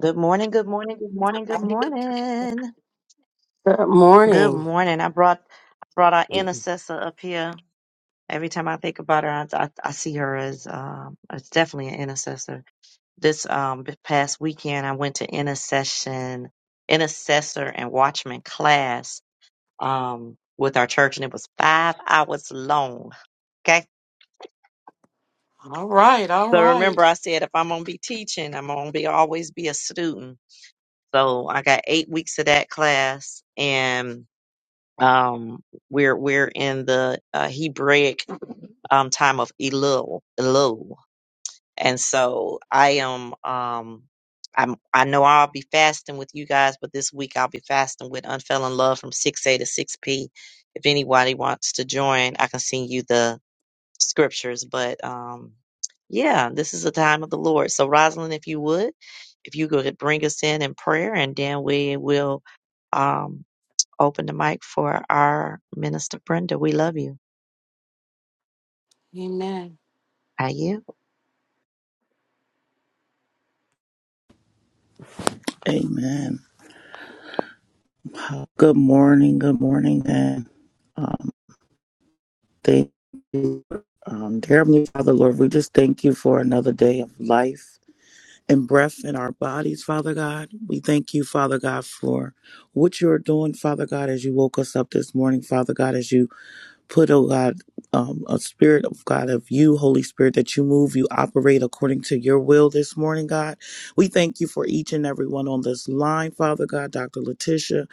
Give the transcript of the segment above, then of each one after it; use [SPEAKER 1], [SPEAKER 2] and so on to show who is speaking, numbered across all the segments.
[SPEAKER 1] Good morning, good morning, good morning, good
[SPEAKER 2] Good
[SPEAKER 1] morning. Good
[SPEAKER 2] morning.
[SPEAKER 1] morning. I brought I brought our intercessor up here. Every time I think about her, I, I, I see her as um as definitely an intercessor. This um b- past weekend I went to intercession, intercessor and watchman class um with our church and it was five hours long. Okay.
[SPEAKER 2] All right, all
[SPEAKER 1] So
[SPEAKER 2] right.
[SPEAKER 1] remember I said if I'm gonna be teaching, I'm gonna be always be a student. So I got eight weeks of that class and um we're we're in the uh, Hebraic um time of Elul Elul and so I am um I'm I know I'll be fasting with you guys but this week I'll be fasting with Unfailing Love from 6a to 6p if anybody wants to join I can send you the scriptures but um yeah this is the time of the Lord so Rosalind if you would if you could bring us in in prayer and then we will um, open the mic for our Minister Brenda. We love you.
[SPEAKER 2] Amen.
[SPEAKER 1] Are you?
[SPEAKER 3] Amen. Wow. Good morning. Good morning, and um, thank you, um, dear Heavenly Father, Lord. We just thank you for another day of life and breath in our bodies, Father God. We thank you, Father God, for what you are doing, Father God, as you woke us up this morning, Father God, as you put, oh God, um, a spirit of God of you, Holy Spirit, that you move, you operate according to your will this morning, God. We thank you for each and every one on this line, Father God, Dr. Letitia,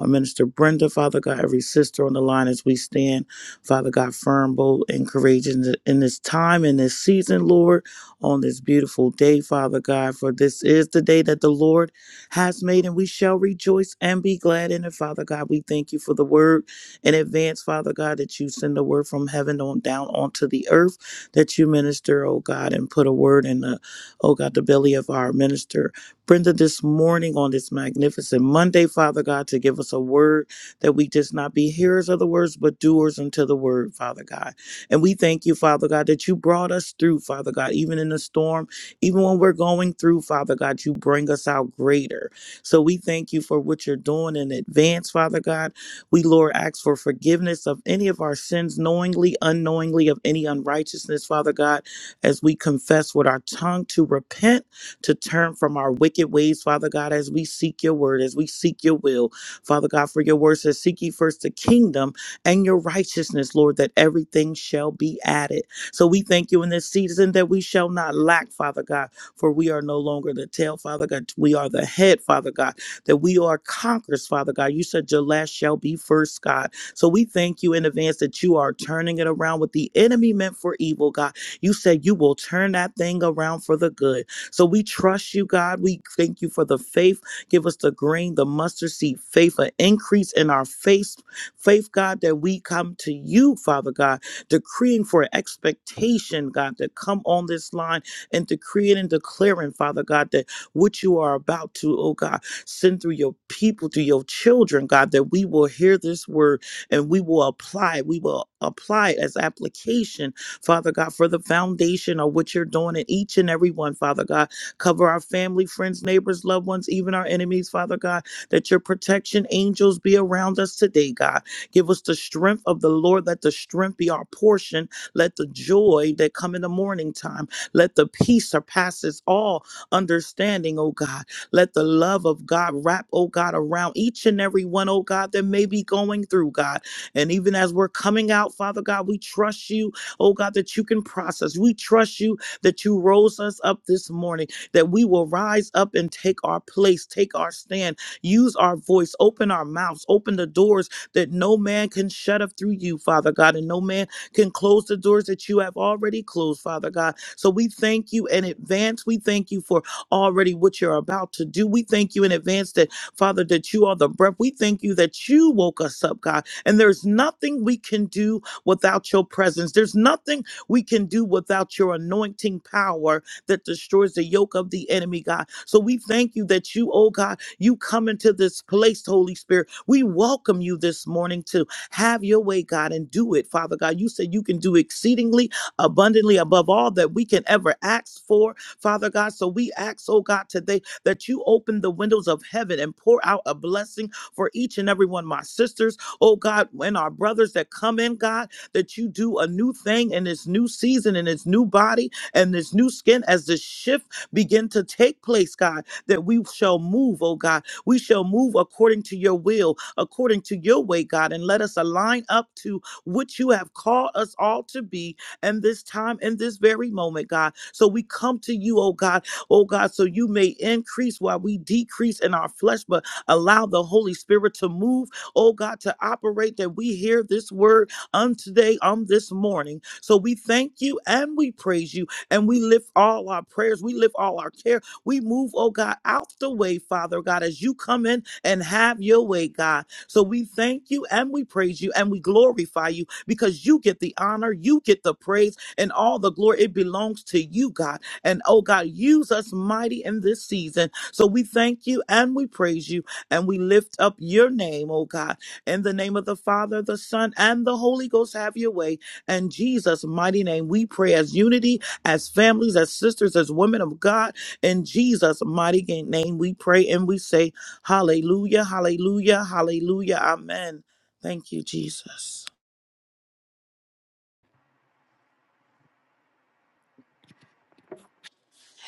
[SPEAKER 3] uh, Minister Brenda, Father God, every sister on the line as we stand, Father God, firm, bold, and courageous in th- in this time, in this season, Lord, on this beautiful day, Father God, for this is the day that the Lord has made, and we shall rejoice and be glad in it, Father God. We thank you for the word in advance, Father God, that you send a word from heaven on down onto the earth, that you minister, oh God, and put a word in the, oh God, the belly of our minister. Brenda, this morning on this magnificent Monday, Father God, to give us a word that we just not be hearers of the words, but doers unto the word, Father God. And we thank you, Father God, that you brought us through, Father God, even in the storm, even when we're going through, Father God, you bring us out greater. So we thank you for what you're doing in advance, Father God. We, Lord, ask for forgiveness of any of our sins, knowingly, unknowingly, of any unrighteousness, Father God, as we confess with our tongue to repent, to turn from our wicked ways, Father God, as we seek your word, as we seek your will, Father God, for your word says, Seek ye first the kingdom and your righteousness, Lord, that everything shall be added. So we thank you in this season that we shall not lack, Father God, for we are no longer the tail, Father God. We are the head, Father God that we are conquerors, Father God. You said your last shall be first, God. So we thank you in advance that you are turning it around What the enemy meant for evil, God. You said you will turn that thing around for the good. So we trust you, God. We thank you for the faith. Give us the grain, the mustard seed faith, an increase in our faith, faith, God, that we come to you, Father God, decreeing for expectation, God, to come on this line and decreeing and declaring, Father God, that what you are about to, oh God. Send through your people, through your children, God, that we will hear this word and we will apply. We will apply as application, Father God, for the foundation of what you're doing in each and every one, Father God. Cover our family, friends, neighbors, loved ones, even our enemies, Father God, that your protection angels be around us today, God. Give us the strength of the Lord. Let the strength be our portion. Let the joy that come in the morning time. Let the peace surpasses all understanding, oh God. Let the love of God wrap, oh God, around each and every one, oh God, that may be going through, God. And even as we're coming out, Father God, we trust you, oh God, that you can process. We trust you that you rose us up this morning, that we will rise up and take our place, take our stand, use our voice, open our mouths, open the doors that no man can shut up through you, Father God, and no man can close the doors that you have already closed, Father God. So we thank you in advance. We thank you for already what you're about to do. We thank you in advance that, Father, that you are the breath. We thank you that you woke us up, God. And there's nothing we can do without your presence. There's nothing we can do without your anointing power that destroys the yoke of the enemy, God. So we thank you that you, oh God, you come into this place, Holy Spirit. We welcome you this morning to have your way, God, and do it, Father God. You said you can do exceedingly abundantly above all that we can ever ask for Father God. So we ask, oh God, today that you open the windows of heaven and pour out a blessing for each and every one, my sisters, oh God, and our brothers that come in, God, that you do a new thing in this new season, in this new body, and this new skin as the shift begin to take place, God, that we shall move, oh God. We shall move according to your will, according to your way, God, and let us align up to what you have called us all to be and this time and this very moment, God. So we come to you, oh God, oh God, so you may increase while we decrease in our flesh, but allow the Holy Spirit to move, oh God, to operate that we hear this word on today, on this morning. So we thank you and we praise you and we lift all our prayers, we lift all our care, we move, oh God, out the way, Father God, as you come in and have your way, God. So we thank you and we praise you and we glorify you because you get the honor, you get the praise, and all the glory. It belongs to you, God. And oh, God, use us mighty in this season. So we thank you and we praise you and we lift up your name, oh, God. In the name of the Father, the Son, and the Holy Ghost, have your way. And Jesus' mighty name, we pray as unity, as families, as sisters, as women of God. In Jesus' mighty name, we pray and we say, Hallelujah, hallelujah, hallelujah, amen. Thank you, Jesus.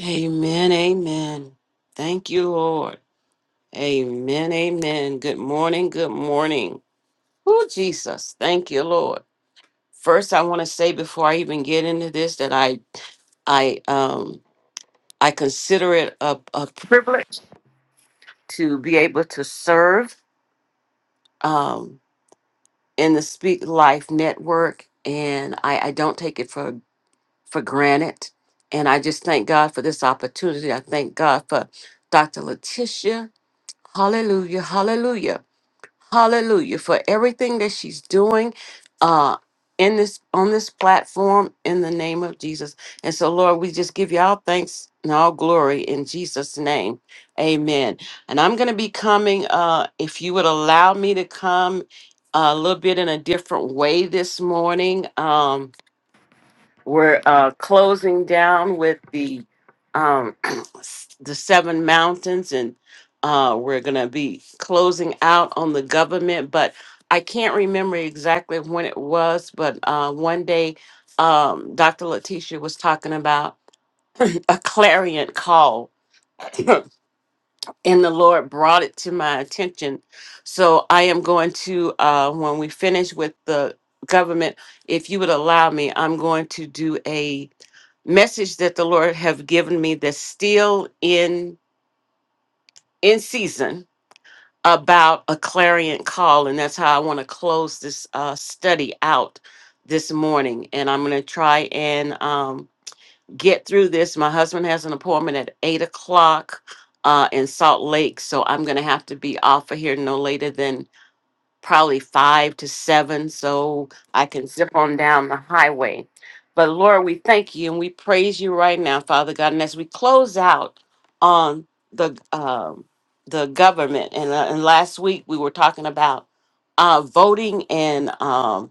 [SPEAKER 2] Amen, amen. Thank you, Lord. Amen, amen. Good morning, good morning. Oh, Jesus. Thank you, Lord. First, I want to say before I even get into this that I I um I consider it a, a privilege to be able to serve um in the Speak Life Network and I, I don't take it for for granted. And I just thank God for this opportunity. I thank God for Dr. Letitia. Hallelujah, hallelujah, hallelujah for everything that she's doing uh, in this on this platform in the name of Jesus. And so, Lord, we just give you all thanks and all glory in Jesus' name. Amen. And I'm going to be coming, uh, if you would allow me to come a little bit in a different way this morning. Um, we're uh, closing down with the um, the seven mountains, and uh, we're gonna be closing out on the government. But I can't remember exactly when it was. But uh, one day, um, Dr. Letitia was talking about a clarion call, and the Lord brought it to my attention. So I am going to uh, when we finish with the government, if you would allow me, I'm going to do a message that the Lord have given me that's still in in season about a clarion call, and that's how I want to close this uh, study out this morning. And I'm going to try and um, get through this. My husband has an appointment at eight o'clock uh, in Salt Lake, so I'm going to have to be off of here no later than probably five to seven, so I can zip on down the highway. But Lord, we thank you and we praise you right now, Father God. And as we close out on the um, the government, and, uh, and last week we were talking about uh, voting and, um,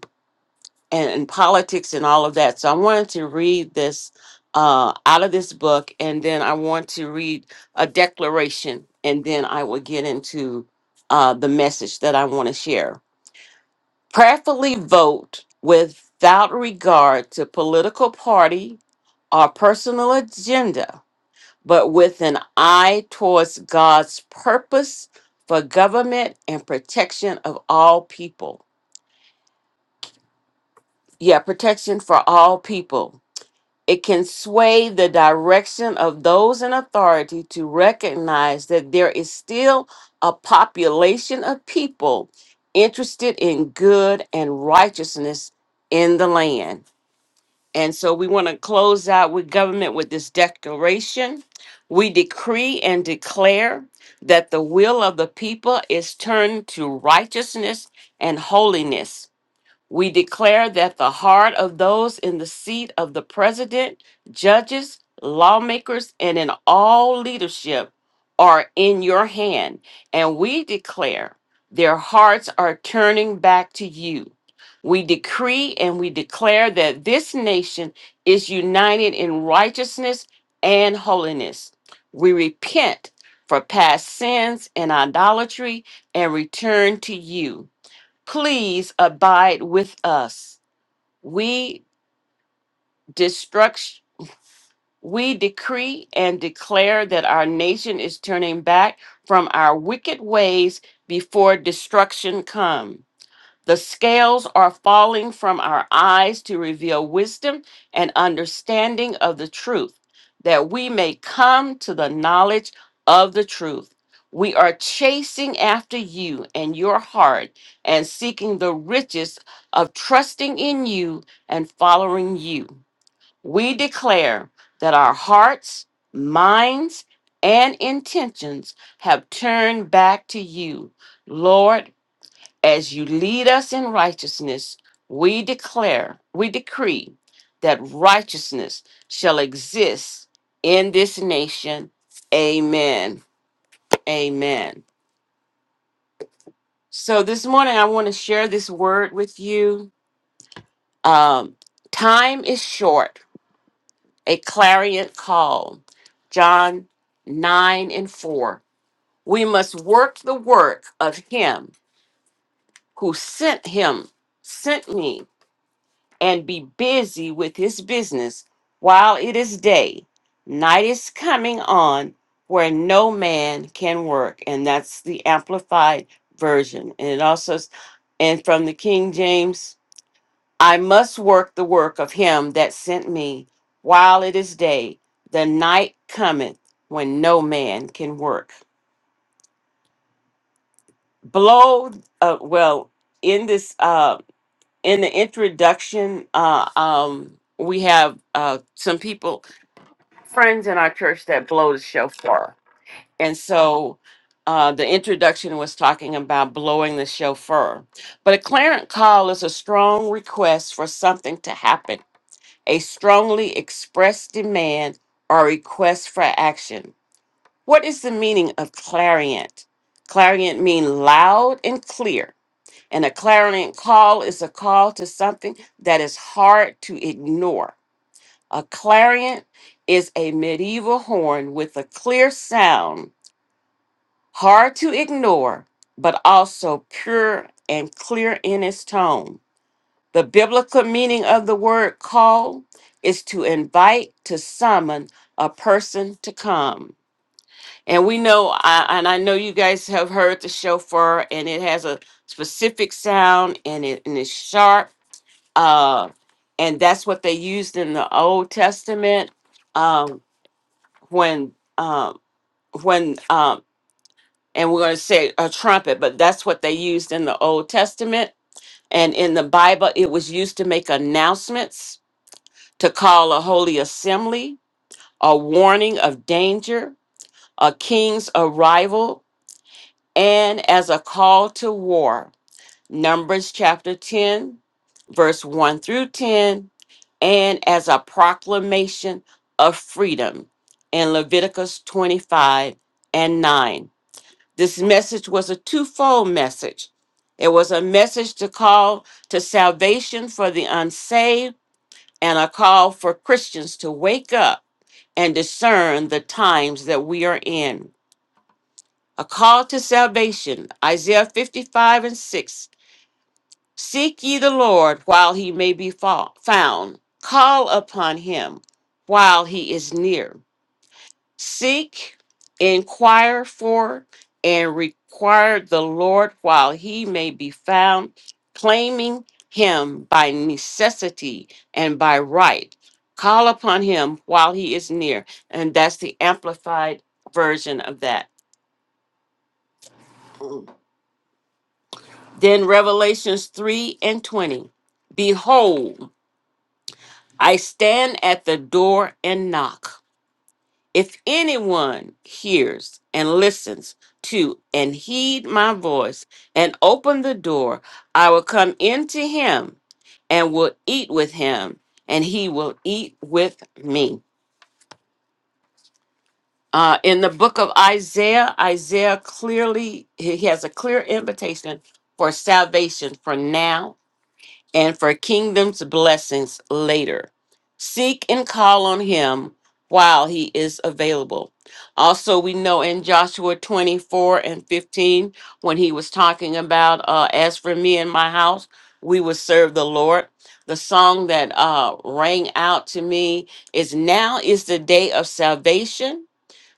[SPEAKER 2] and and politics and all of that. So I wanted to read this uh, out of this book, and then I want to read a declaration, and then I will get into uh, the message that I want to share prayerfully vote without regard to political party or personal agenda, but with an eye towards God's purpose for government and protection of all people. Yeah, protection for all people. It can sway the direction of those in authority to recognize that there is still a population of people interested in good and righteousness in the land And so we want to close out with government with this declaration. We decree and declare that the will of the people is turned to righteousness and holiness we declare that the heart of those in the seat of the president, judges, lawmakers, and in all leadership are in your hand. And we declare their hearts are turning back to you. We decree and we declare that this nation is united in righteousness and holiness. We repent for past sins and idolatry and return to you please abide with us. We destruct, we decree and declare that our nation is turning back from our wicked ways before destruction comes. The scales are falling from our eyes to reveal wisdom and understanding of the truth, that we may come to the knowledge of the truth. We are chasing after you and your heart and seeking the riches of trusting in you and following you. We declare that our hearts, minds, and intentions have turned back to you. Lord, as you lead us in righteousness, we declare, we decree that righteousness shall exist in this nation. Amen. Amen. So this morning, I want to share this word with you. Um, time is short, a clarion call. John 9 and 4. We must work the work of him who sent him, sent me and be busy with his business while it is day. Night is coming on where no man can work. And that's the amplified version. And it also, s- and from the King James, I must work the work of him that sent me while it is day. The night cometh when no man can work. Blow, uh, well, in this. Uh, in the introduction, uh, um, we have uh, some people, friends in our church that blow the shofar. And so uh, the introduction was talking about blowing the shofar. But a clarent call is a strong request for something to happen, a strongly expressed demand or request for action. What is the meaning of clarient? Clarient means loud and clear and a clarion call is a call to something that is hard to ignore. A clarion is a medieval horn with a clear sound, hard to ignore, but also pure and clear in its tone. The biblical meaning of the word call is to invite, to summon a person to come. And we know, I, and I know you guys have heard the shofar, and it has a specific sound and, it, and it's sharp uh, and that's what they used in the Old Testament um, when um, when um, and we're going to say a trumpet, but that's what they used in the Old Testament and in the Bible. It was used to make announcements, to call a holy assembly, a warning of danger, a king's arrival, and as a call to war. Numbers chapter 10, verse 1 through 10, and as a proclamation of freedom in Leviticus 25 and 9. This message was a twofold message. It was a message to call to salvation for the unsaved and a call for Christians to wake up and discern the times that we are in. A call to salvation, Isaiah 55 and 6 Seek ye the Lord while he may be fo- found. Call upon him while he is near. Seek, inquire for, and require the Lord while he may be found, claiming him by necessity and by right. Call upon him while he is near. And that's the amplified version of that. Then Revelations 3 and 20. Behold, I stand at the door and knock. If anyone hears and listens to and heed my voice and open the door, I will come into him and will eat with him, and he will eat with me. Uh, in the book of Isaiah, Isaiah clearly he has a clear invitation for salvation for now and for kingdom's blessings later. Seek and call on him while he is available. Also, we know in Joshua 24 and 15, when he was talking about, uh, as for me and my house, we will serve the Lord. The song that uh, rang out to me is Now is the day of salvation.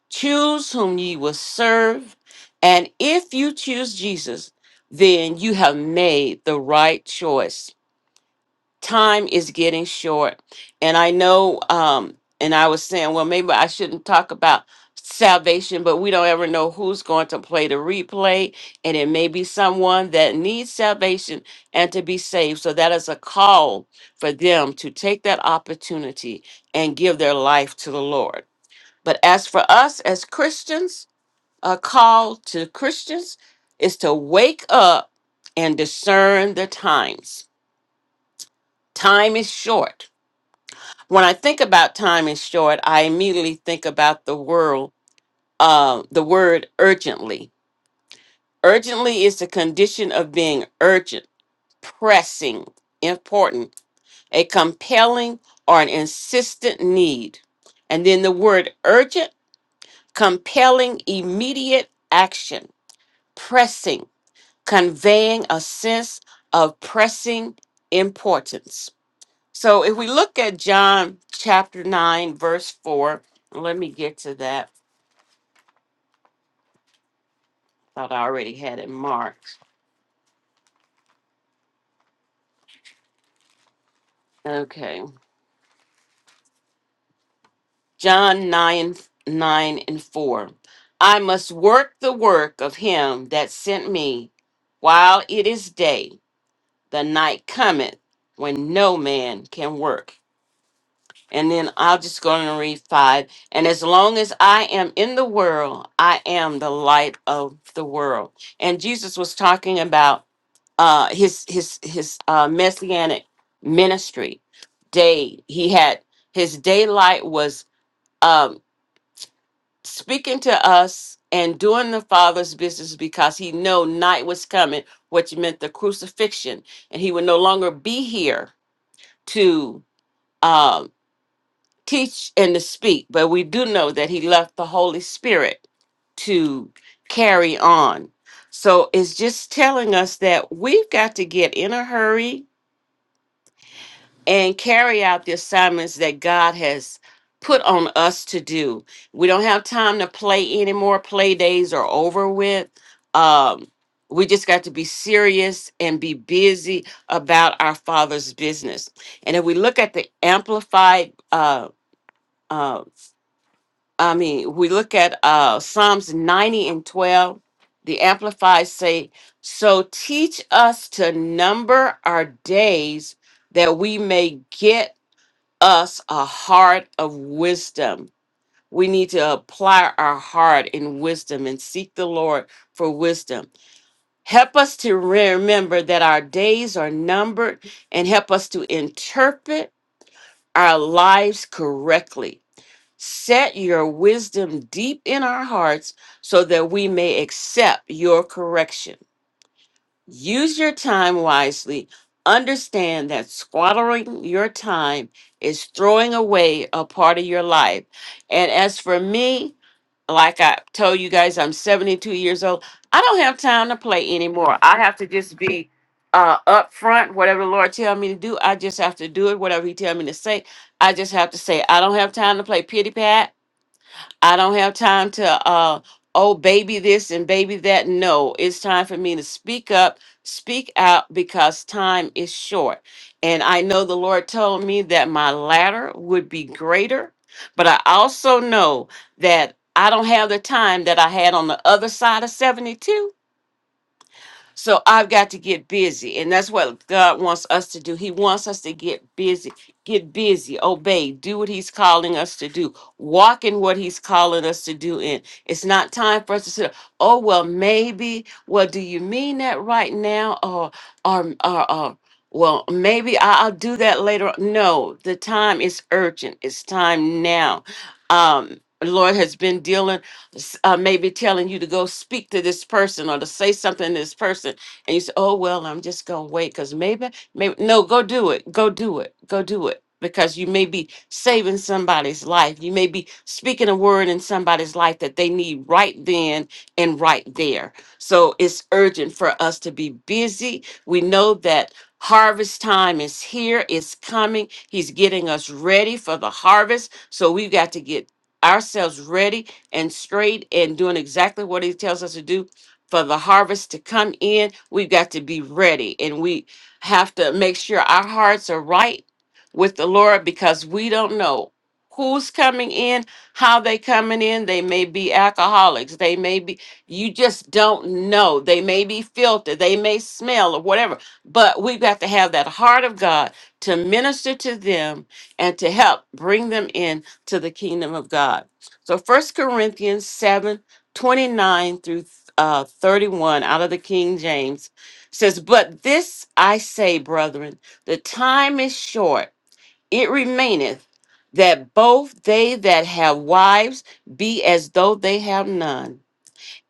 [SPEAKER 2] Choose whom ye will serve. And if you choose Jesus, then you have made the right choice time is getting short and i know um and i was saying well maybe i shouldn't talk about salvation but we don't ever know who's going to play the replay and it may be someone that needs salvation and to be saved so that is a call for them to take that opportunity and give their life to the lord but as for us as christians a call to christians is to wake up and discern the times time is short when I think about time is short, I immediately think about the world, uh, the word urgently. Urgently is the condition of being urgent, pressing, important, a compelling or an insistent need. And then the word urgent, compelling immediate action, pressing, conveying a sense of pressing importance. So if we look at John chapter 9, verse 4, let me get to that. Thought I already had it marked. Okay. John 9, 9 and 4. I must work the work of him that sent me while it is day. The night cometh when no man can work. And then I'll just go on and read 5. And as long as I am in the world, I am the light of the world. And Jesus was talking about uh his his his uh messianic ministry day he had his daylight was um speaking to us and doing the father's business because he knew night was coming which meant the crucifixion and he would no longer be here to um teach and to speak but we do know that he left the holy spirit to carry on so it's just telling us that we've got to get in a hurry and carry out the assignments that God has put on us to do. We don't have time to play anymore. Play days are over with. Um, we just got to be serious and be busy about our Father's business. And if we look at the amplified, uh, uh, I mean, we look at uh, Psalms 90 and 12. The Amplified say, So teach us to number our days that we may get us a heart of wisdom. We need to apply our heart in wisdom and seek the Lord for wisdom. Help us to remember that our days are numbered and help us to interpret our lives correctly. Set your wisdom deep in our hearts so that we may accept your correction. Use your time wisely. Understand that squandering your time is throwing away a part of your life. And as for me, like I told you guys, I'm 72 years old. I don't have time to play anymore. I have to just be uh, upfront. Whatever the Lord tell me to do, I just have to do it. Whatever He tell me to say, I just have to say. I don't have time to play pity pat. I don't have time to uh oh baby this and baby that. No, it's time for me to speak up, speak out because time is short. And I know the Lord told me that my ladder would be greater, but I also know that I don't have the time that I had on the other side of 72 so I've got to get busy. And that's what God wants us to do. He wants us to get busy, get busy, obey, do what He's calling us to do, walk in what He's calling us to do. In it's not time for us to say, oh, well, maybe, well, do you mean that right now? Or, or, or, or well, maybe I- I'll do that later. on." No, the time is urgent. It's time now. Um, the Lord has been dealing s- uh, maybe telling you to go speak to this person or to say something to this person, and you say, "Oh well, I'm just gonna wait because maybe, maybe no, go do it, go do it, go do it." Because you may be saving somebody's life. You may be speaking a word in somebody's life that they need right then and right there. So it's urgent for us to be busy. We know that harvest time is here, it's coming. He's getting us ready for the harvest. So we've got to get ourselves ready and straight and doing exactly what he tells us to do for the harvest to come in, we've got to be ready and we have to make sure our hearts are right with the Lord because we don't know who's coming in, how they coming in. They may be alcoholics, they may be you just don't know. They may be filthy, they may smell or whatever. But we've got to have that heart of God to minister to them and to help bring them in to the kingdom of God. So First Corinthians 7 29 through uh, 31 out of the King James says, But this I say, brethren, the time is short, it remaineth, that both they that have wives be as though they have none,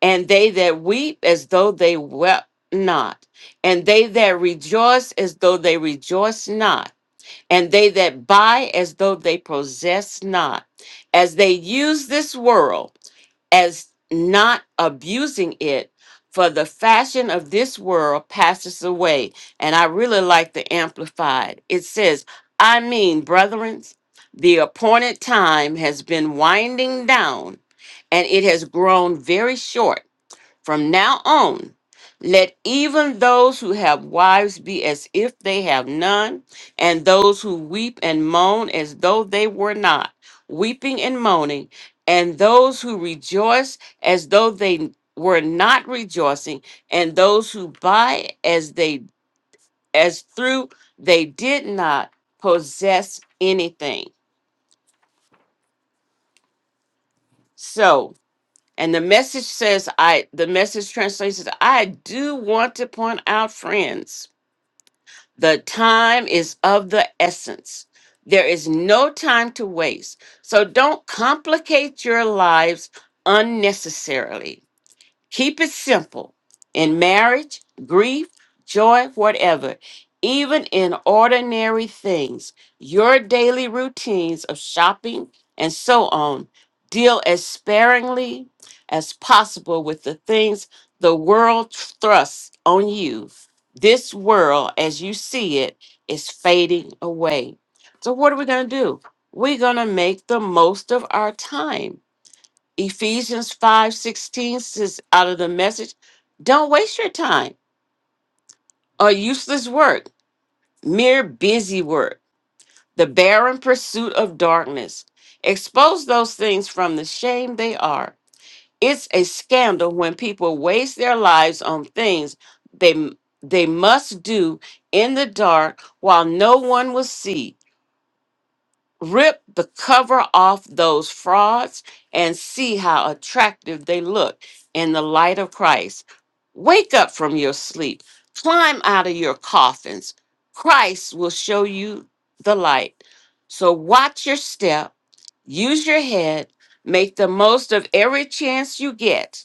[SPEAKER 2] and they that weep as though they wept not, and they that rejoice as though they rejoice not, and they that buy as though they possess not, as they use this world as not abusing it, for the fashion of this world passes away. And I really like the Amplified. It says, I mean, brethren, the appointed time has been winding down and it has grown very short from now on, let even those who have wives be as if they have none, and those who weep and moan as though they were not, weeping and moaning, and those who rejoice as though they were not rejoicing, and those who buy as they as through they did not possess anything. So, and the message says I the message translates I do want to point out friends The time is of the essence. There is no time to waste. So don't complicate your lives unnecessarily. Keep it simple in marriage, grief, joy, whatever. Even in ordinary things, your daily routines of shopping and so on deal as sparingly as possible with the things the world thrusts on you. This world, as you see it, is fading away. So, what are we going to do? We're going to make the most of our time Ephesians 5:16 says out of the message, don't waste your time or useless work, mere busy work, the barren pursuit of darkness. Expose those things from the shame they are. It's a scandal when people waste their lives on things they they must do in the dark while no one will see. Rip the cover off those frauds and see how attractive they look in the light of Christ. Wake up from your sleep, climb out of your coffins. Christ will show you the light. So watch your step, use your head, make the most of every chance you get.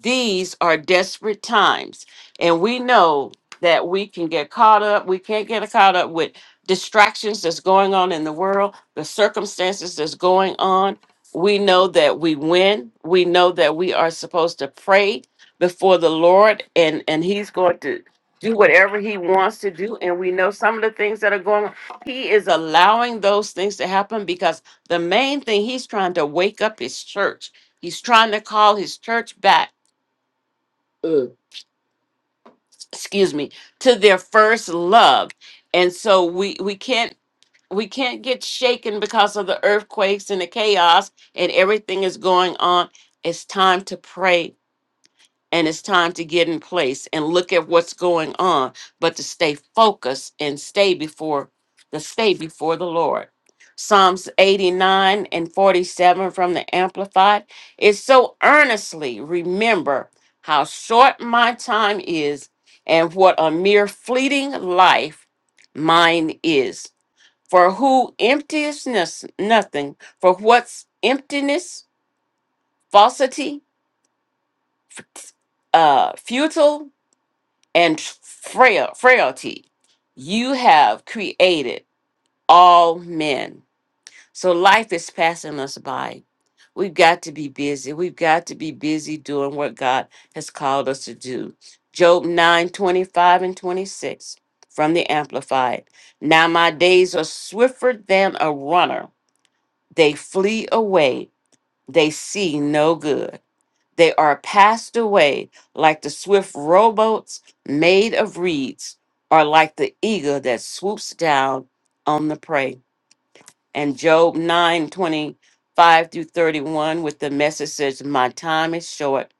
[SPEAKER 2] These are desperate times, and we know that we can get caught up. We can't get caught up with distractions that's going on in the world, the circumstances that's going on. We know that we win. We know that we are supposed to pray before the Lord, and and He's going to do whatever He wants to do. And we know some of the things that are going on. He is allowing those things to happen because the main thing He's trying to wake up His church. He's trying to call His church back uh, excuse me to their first love and so we we can't we can't get shaken because of the earthquakes and the chaos and everything is going on it's time to pray and it's time to get in place and look at what's going on, but to stay focused and stay before the stay before the Lord. Psalms 89 and 47 from the Amplified is so earnestly remember how short my time is and what a mere fleeting life mine is. For who emptieth nos- nothing, for what's emptiness, falsity, uh, futile and frail, frailty. You have created all men. So life is passing us by. We've got to be busy. We've got to be busy doing what God has called us to do. Job 9 25 and 26 from the Amplified. Now my days are swifter than a runner, they flee away, they see no good. They are passed away like the swift rowboats made of reeds, or like the eagle that swoops down on the prey. And Job 9 25 through 31, with the message says, My time is short.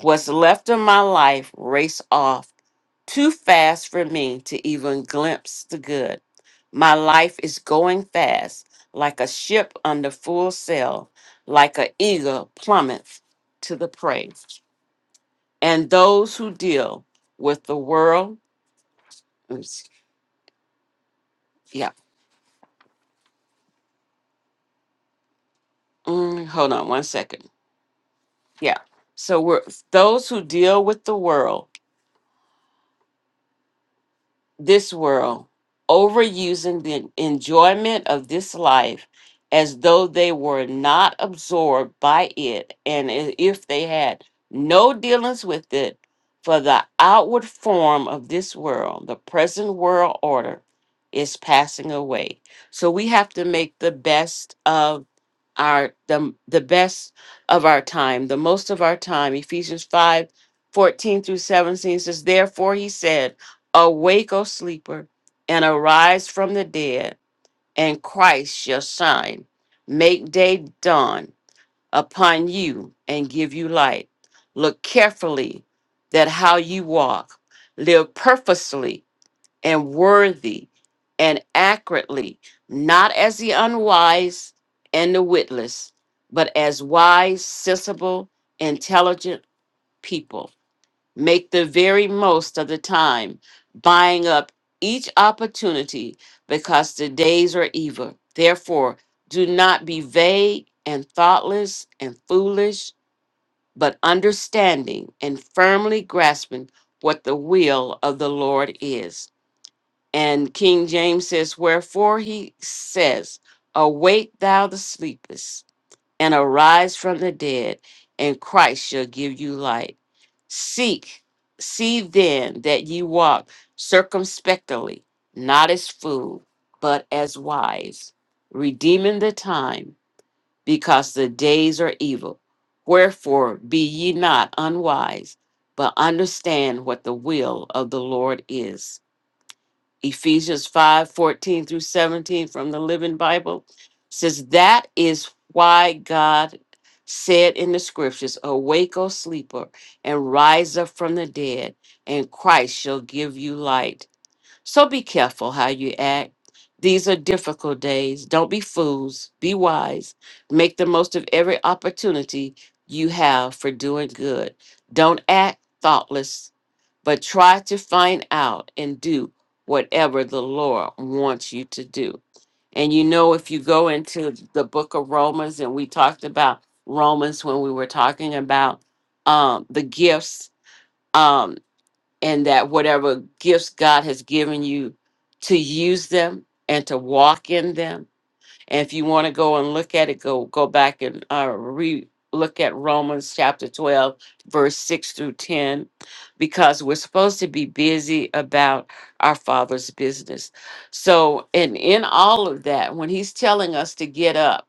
[SPEAKER 2] What's left of my life race off, too fast for me to even glimpse the good. My life is going fast, like a ship under full sail, like an eagle plummets to the prey and those who deal with the world. oops, yeah. mm, hold on one second. Yeah. So we're those who deal with the world, this world, overusing the enjoyment of this life as though they were not absorbed by it, and i- if they had no dealings with it, for the outward form of this world, the present world order, is passing away. So we have to make the best of our the, the best of our time, the most of our time. Ephesians 5, 14 through 17 says, Therefore he said, Awake, O sleeper, and arise from the dead, and Christ shall shine. Make day dawn upon you and give you light. Look carefully that how you walk, live purposely and worthy and accurately, not as the unwise and the witless, but as wise, sensible, intelligent people. Make the very most of the time, buying up each opportunity because the days are evil. Therefore, do not be vague and thoughtless and foolish, but understanding and firmly grasping what the will of the Lord is and King James says, Wherefore he says, Awake thou the sleepest, and arise from the dead, and Christ shall give you light. Seek, see then that ye walk circumspectly, not as fools, but as wise, redeeming the time, because the days are evil. Wherefore be ye not unwise, but understand what the will of the Lord is. Ephesians 5 14 through 17 from the Living Bible says, That is why God said in the scriptures, Awake, O sleeper, and rise up from the dead, and Christ shall give you light. So be careful how you act. These are difficult days. Don't be fools. Be wise. Make the most of every opportunity you have for doing good. Don't act thoughtless but try to find out and do whatever the Lord wants you to do. And you know, if you go into the book of Romans, and we talked about Romans when we were talking about um, the gifts, um, and that whatever gifts God has given you to use them and to walk in them and if you want to go and look at it, go go back and uh, re look at Romans chapter 12, verse 6 through 10, because we're supposed to be busy about our Father's business. So, and in all of that, when He's telling us to get up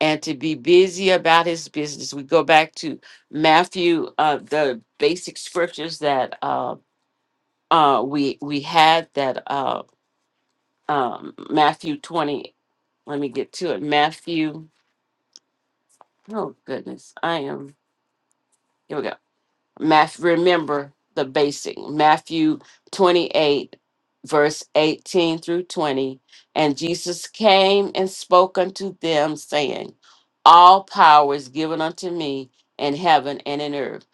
[SPEAKER 2] and to be busy about His business, we go back to Matthew, uh, the basic scriptures that uh, uh, we we had that uh, um, Matthew 20. Let me get to it. Matthew. Oh goodness, I am. Here we go. Math, remember the basic Matthew 28, verse 18 through 20. And Jesus came and spoke unto them, saying, All power is given unto me in heaven and in earth.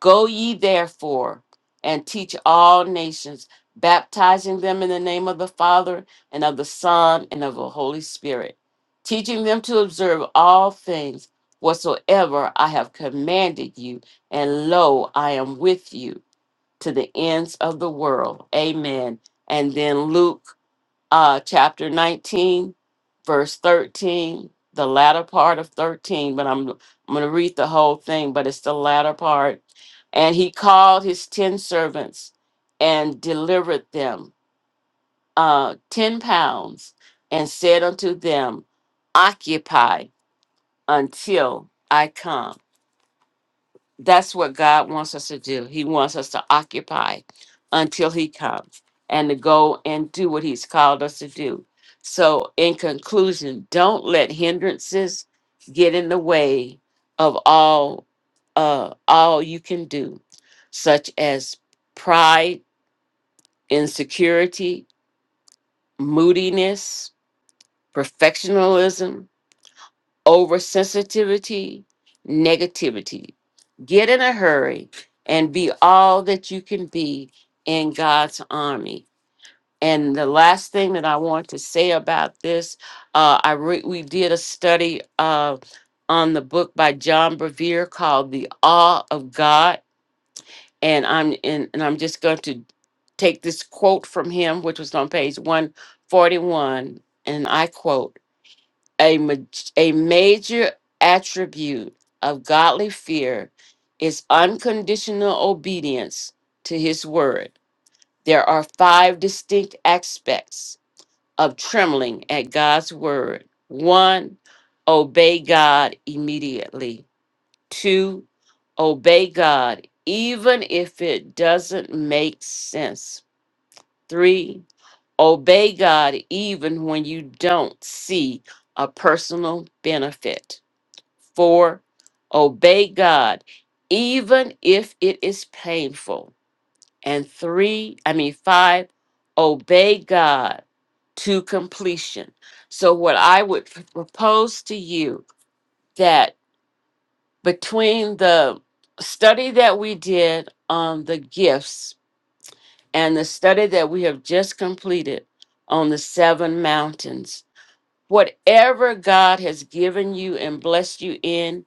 [SPEAKER 2] Go ye therefore and teach all nations, baptizing them in the name of the Father and of the Son and of the Holy Spirit, teaching them to observe all things whatsoever I have commanded you and lo, I am with you to the ends of the world. Amen. And then Luke uh, chapter 19, verse 13, the latter part of 13, but I'm, I'm going to read the whole thing, but it's the latter part. And he called his 10 servants and delivered them uh, 10 pounds and said unto them, Occupy until I come. That's what God wants us to do. He wants us to occupy until He comes and to go and do what He's called us to do. So, in conclusion, don't let hindrances get in the way of all uh, all you can do, such as pride, insecurity, moodiness, perfectionism, oversensitivity, negativity. Get in a hurry and be all that you can be in God's army. And the last thing that I want to say about this, uh, I re- we did a study uh, on the book by John Bevere called "The Awe of God," and I'm and, and I'm just going to take this quote from him, which was on page 141, and I quote a, ma- a major attribute of godly fear is unconditional obedience to his word. There are five distinct aspects of trembling at God's word. One, obey God immediately. Two, obey God even if it doesn't make sense. Three, obey God even when you don't see a personal benefit. Four, obey God, even if it is painful. And three, I mean, five, obey God to completion. So, what I would p- propose to you that between the study that we did on the gifts and the study that we have just completed on the seven mountains, whatever God has given you and blessed you in,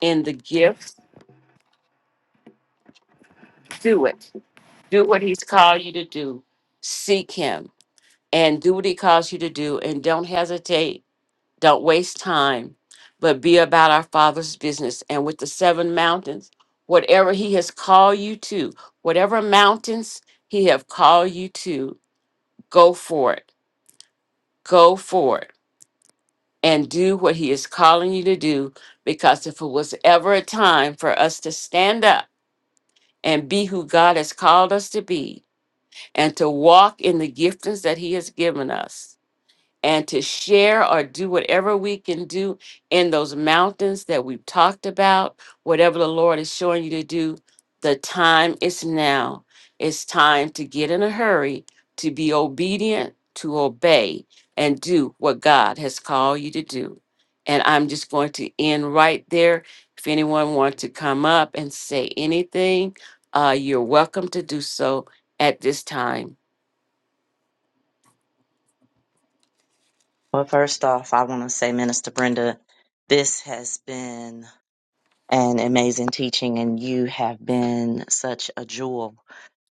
[SPEAKER 2] in the gifts, do it do what he's called you to do seek him and do what he calls you to do and don't hesitate don't waste time but be about our father's business and with the seven mountains whatever he has called you to whatever mountains he have called you to go for it go for it and do what he is calling you to do because if it was ever a time for us to stand up and be who god has called us to be and to walk in the giftings that He has given us and to share or do whatever we can do in those mountains that we've talked about, whatever the Lord is showing you to do. The time is now. It's time to get in a hurry, to be obedient, to obey, and do what God has called you to do. And I'm just going to end right there. If anyone wants to come up and say anything, uh, you're welcome to do so at this time.
[SPEAKER 1] Well, first off, I want to say, Minister Brenda, this has been an amazing teaching, and you have been such a jewel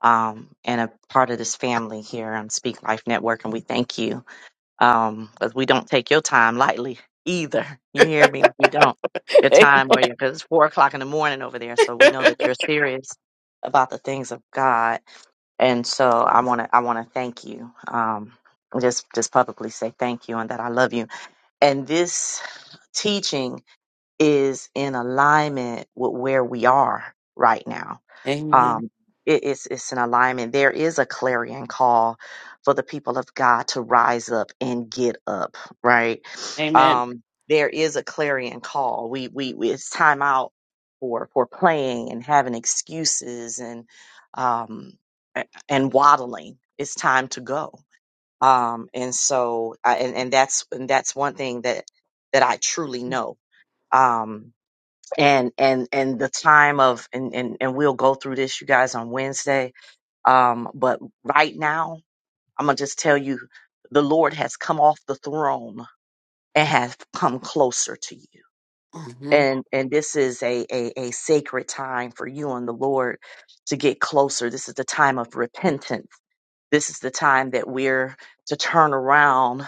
[SPEAKER 1] um, and a part of this family here on Speak Life Network. And we thank you um, because we don't take your time lightly either. You hear me? We don't. Your
[SPEAKER 2] Amen.
[SPEAKER 1] time or your, because it's four o'clock in the morning over there. So we know that you're serious about the things of God. And so I want to I want to thank you. Um, just just publicly say thank you and that I love you. And this teaching is in alignment with where we are right now.
[SPEAKER 2] Amen.
[SPEAKER 1] Um, it- it's it's an alignment. There is a clarion call for the people of God to rise up and get up. Right.
[SPEAKER 2] Amen.
[SPEAKER 1] Um, there is a clarion call. We we, we it's time out for for playing and having excuses and um a- and waddling. It's time to go. Um, and so I and and that's and that's one thing that that I truly know. Um, and and and the time of and and, and we'll go through this you guys on wednesday um but right now i'm gonna just tell you the lord has come off the throne and has come closer to you
[SPEAKER 2] Mhm.
[SPEAKER 1] and and this is a a, a sacred time for you and the lord to get closer this is the time of repentance this is the time that we're to turn around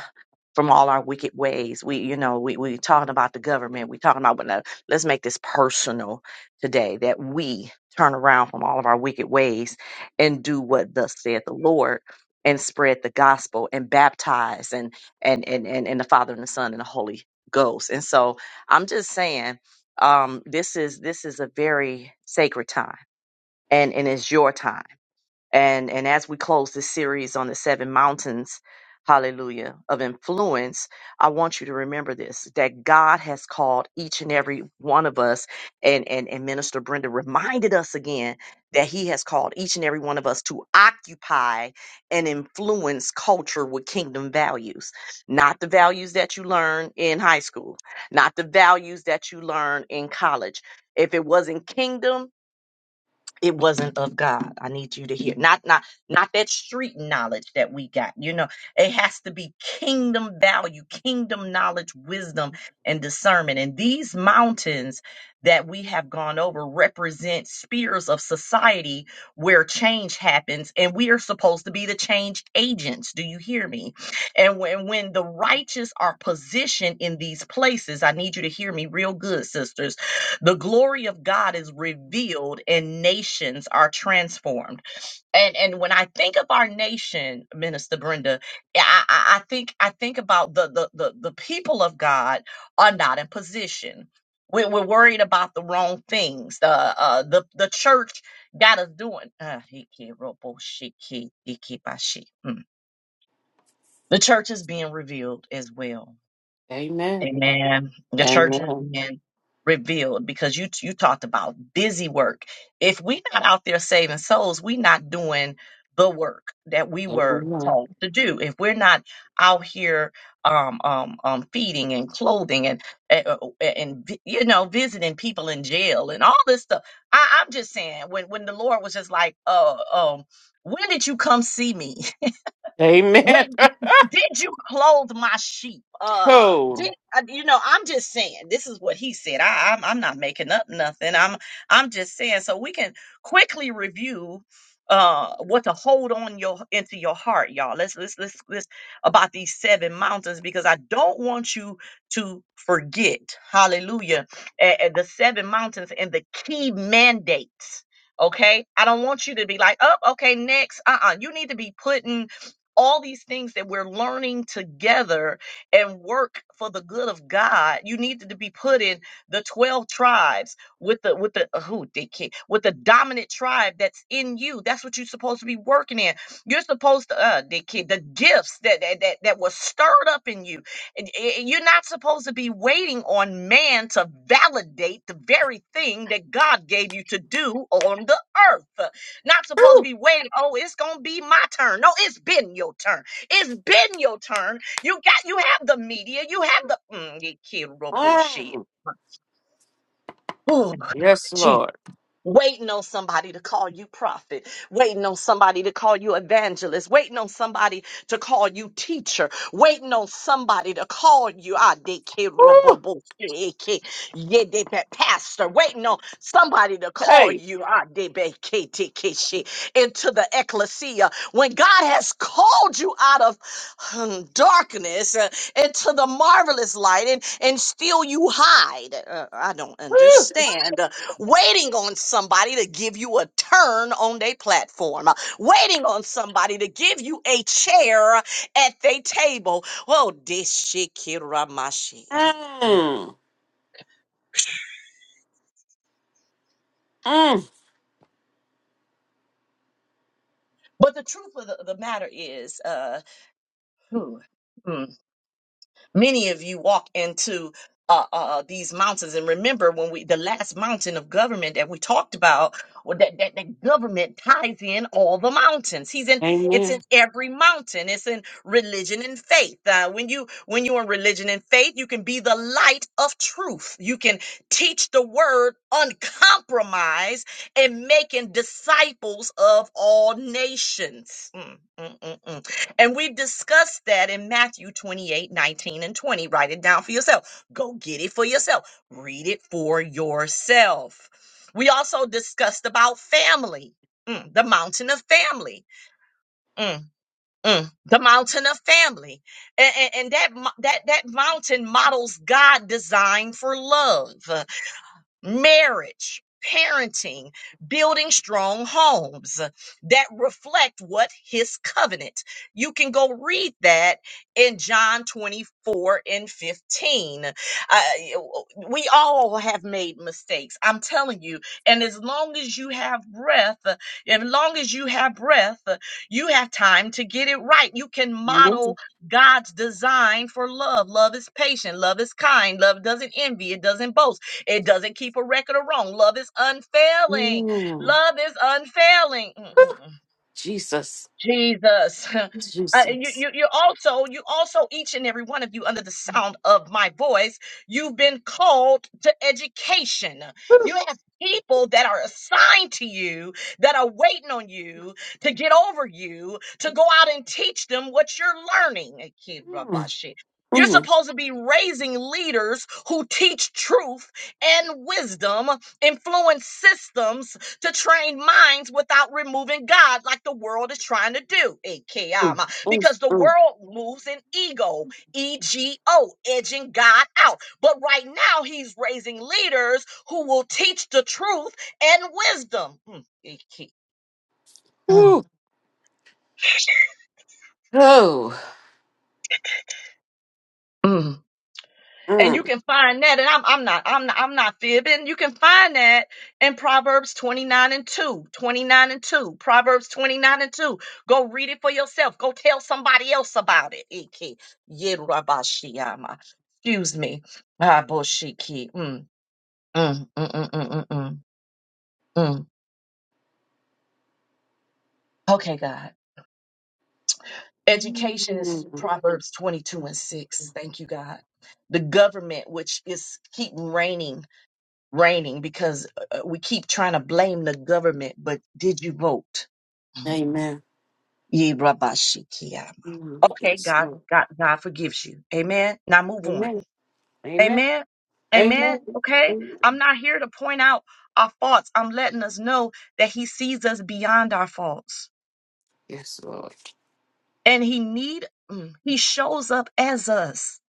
[SPEAKER 1] from all our wicked ways. We, you know, we we talking about the government. We talking about but no, Let's make this personal today. That we turn around from all of our wicked ways and do what thus saith the Lord, and spread the gospel and baptize and and and and, and the Father and the Son and the Holy Ghost. And so I'm just saying, um, this is this is a very sacred time, and and it's your time and and as we close this series on the seven mountains hallelujah of influence i want you to remember this that god has called each and every one of us and and, and minister brenda reminded us again that he has called each and every one of us to occupy and influence culture with kingdom values not the values that you learn in high school not the values that you learn in college if it wasn't kingdom it wasn't of God. I need you to hear. Not not not that street knowledge that we got. You know, it has to be kingdom value, kingdom knowledge, wisdom and discernment. And these mountains that we have gone over represent spheres of society where change happens and we are supposed to be the change agents. Do you hear me? And when when the righteous are positioned in these places, I need you to hear me real good, sisters the glory of God is revealed and nations are transformed. And and when I think of our nation, Minister Brenda, I, I, I think I think about the, the the the people of God are not in position. We're, we're worried about the wrong things. The uh, the the church got us doing. Uh, hiki, robo, shiki, iki, bashi. Mm. The church is being revealed as well
[SPEAKER 2] Amen.
[SPEAKER 1] Amen. The church is
[SPEAKER 2] Amen.
[SPEAKER 1] being revealed because you you talked about busy work. If we not out there saving souls, we not doing the work that we were
[SPEAKER 2] Amen.
[SPEAKER 1] called to do. If we're not out here um um um feeding and clothing and eh, uh, oh, eh, and vi- you know visiting people in jail and all this stuff. I, I'm just saying when when the Lord was just like, uh um, when did you come see me? What
[SPEAKER 2] Amen.
[SPEAKER 1] did you clothe my sheep? Uh,
[SPEAKER 2] oh.
[SPEAKER 1] did uh, you know? I'm just saying. This is what he said. I, I'm I'm not making up nothing. I'm I'm just saying. So we can quickly review uh what to hold on your into your heart, y'all. Let's let's let's let's about these seven mountains because I don't want you to forget. Hallelujah. eh, eh, the seven mountains and the key mandates. Okay, I don't want you to be like, oh, okay, next. Uh, uh you need to be putting all these things that we're learning together and work for the good of God. You needed to be put in the 12 tribes with the with the uh, who they DK with the dominant tribe that's in you. That's what you're supposed to be working in. You're supposed to uh they DK the gifts that that that, that was stirred up in you. And- and You're not supposed to be waiting on man to validate the very thing that God gave you to do on the earth. Not supposed to
[SPEAKER 2] Woo.
[SPEAKER 1] be waiting. Oh, it's gonna be my turn. No, it's been your turn. It's been your turn. You got you have the media, you have the mm, you kid robot shit.
[SPEAKER 2] Mm.
[SPEAKER 1] Oh,
[SPEAKER 2] Yes, Lord.
[SPEAKER 1] Waiting on somebody to call you prophet, waiting on somebody to call you evangelist, waiting on somebody to call you teacher, waiting on somebody to call you ah, de- ke- ro- bo-
[SPEAKER 2] Woo.
[SPEAKER 1] bo- she- ke- ye- de- pe- pastor, waiting on somebody to call
[SPEAKER 2] Hey.
[SPEAKER 1] you ah, de- be- ke- te- ke- she- into the ecclesia. When God has called you out of hmm, darkness uh, into the marvelous light, and, and still you hide. Uh, I don't
[SPEAKER 2] Woo.
[SPEAKER 1] understand waiting on somebody to give you a turn on their platform, uh, waiting on somebody to give you a chair at their table. Oh, this shit, Kiramashi.
[SPEAKER 2] Mm. Mm.
[SPEAKER 1] But the truth of the, the matter is, uh, whew, mm. many of you walk into uh, uh, uh, these mountains and remember when we the last mountain of government that we talked about well, that, that that government ties in all the mountains he's in it's in
[SPEAKER 2] Amen.
[SPEAKER 1] every mountain it's in religion and faith uh, when you when you're in religion and faith you can be the light of truth you can teach the word uncompromised and making disciples of all nations Mm, mm, mm, mm. And we discussed that in Matthew 28 19 and 20. Write it down for yourself. Go get it for yourself. Read it for yourself. We also discussed about family, Mm, the mountain of family. Mm, mm, the mountain of family. And, and, and that, mo- that, that mountain models God design for love marriage, parenting, building strong homes that reflect what his covenant. You can go read that in John 24 and 15. Uh, we all have made mistakes, I'm telling you. And as long as you have breath, as long as you have breath, you have time to get it right. You can
[SPEAKER 2] Amen.
[SPEAKER 1] model God's design for love. Love is patient, love is kind, love doesn't envy, it doesn't boast. It doesn't keep a record of wrong. Love is unfailing.
[SPEAKER 2] Mm.
[SPEAKER 1] Love is unfailing. Mm-mm-mm.
[SPEAKER 2] Jesus.
[SPEAKER 1] Jesus. Uh, you,
[SPEAKER 2] Jesus.
[SPEAKER 1] you, you also, you also, each and every one of you, under the sound of my voice, you've been called to education. You have people that are assigned to you that are waiting on you to get over you to go out and teach them what you're learning.
[SPEAKER 2] Mm.
[SPEAKER 1] Kirabashi. You're
[SPEAKER 2] Mm.
[SPEAKER 1] supposed to be raising leaders who teach truth and wisdom, influence systems to train minds without removing God, like the world is trying to do.
[SPEAKER 2] Mm.
[SPEAKER 1] AKM.
[SPEAKER 2] Mm.
[SPEAKER 1] Because the
[SPEAKER 2] Mm.
[SPEAKER 1] world moves in ego, E G O, edging God out. But right now, He's raising leaders who will teach the truth and wisdom. Mm, AK. Mm.
[SPEAKER 2] Woo. Oh.
[SPEAKER 1] Mm. and you
[SPEAKER 2] Mm.
[SPEAKER 1] can find that and I'm, I'm not i'm not i'm not fibbing you can find that in proverbs 29 and 2 29 and 2 proverbs 29 and 2 go read it for yourself go tell somebody else about it Iki. Yerubashiyama. excuse me ah boshiki mm, mm, mm, mm, mm, mm, mm, mm. okay god education is
[SPEAKER 2] Mm.
[SPEAKER 1] proverbs 22 and 6 thank you god the government which is keep reigning raining because uh, we keep trying to blame the government, but did you vote? Mm-hmm.
[SPEAKER 2] Amen.
[SPEAKER 1] Ye rabashikia.
[SPEAKER 2] Mm.
[SPEAKER 1] Okay,
[SPEAKER 2] Yes,
[SPEAKER 1] God,
[SPEAKER 2] Lord.
[SPEAKER 1] God, God forgives you. Amen. Now move on.
[SPEAKER 2] Amen. Amen.
[SPEAKER 1] Amen. Amen.
[SPEAKER 2] Amen.
[SPEAKER 1] Okay. I'm not here to point out our faults. I'm letting us know that He sees us beyond our faults,
[SPEAKER 2] Yes, Lord.
[SPEAKER 1] and He need mm, He shows up as us.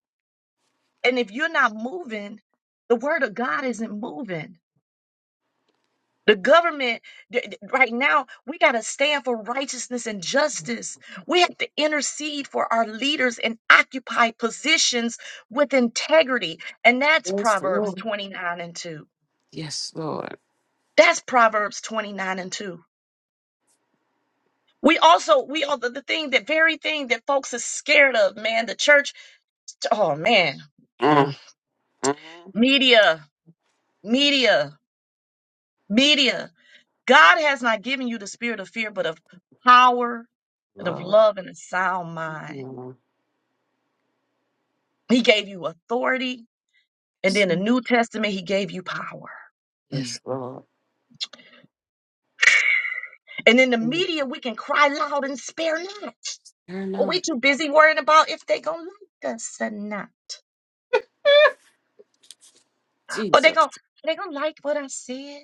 [SPEAKER 1] And if you're not moving, the Word of God isn't moving. The government, th- th- right now, we got to stand for righteousness and justice. We have to intercede for our leaders and occupy positions with integrity. And that's
[SPEAKER 2] Yes,
[SPEAKER 1] Proverbs
[SPEAKER 2] Lord.
[SPEAKER 1] 29 and 2.
[SPEAKER 2] Yes, Lord.
[SPEAKER 1] That's Proverbs 29 and 2. We also, we all, the, the thing, that very thing that folks is scared of, man, the church, oh man,
[SPEAKER 2] Mm,
[SPEAKER 1] Mm.
[SPEAKER 2] mm,
[SPEAKER 1] media, media, media. God has not given you the spirit of fear, but of power and of
[SPEAKER 2] Lord.
[SPEAKER 1] love and a sound mind.
[SPEAKER 2] Mm,
[SPEAKER 1] He gave you authority. And
[SPEAKER 2] Yes,
[SPEAKER 1] then the New Testament, He gave you power. Mm.
[SPEAKER 2] yes, Lord.
[SPEAKER 1] And in the
[SPEAKER 2] Mm,
[SPEAKER 1] media, we can cry loud and spare not.
[SPEAKER 2] Turn
[SPEAKER 1] But
[SPEAKER 2] on.
[SPEAKER 1] we too busy worrying about if they gonna like us or not. Or they
[SPEAKER 2] Jesus.
[SPEAKER 1] gonna they gonna like what I said.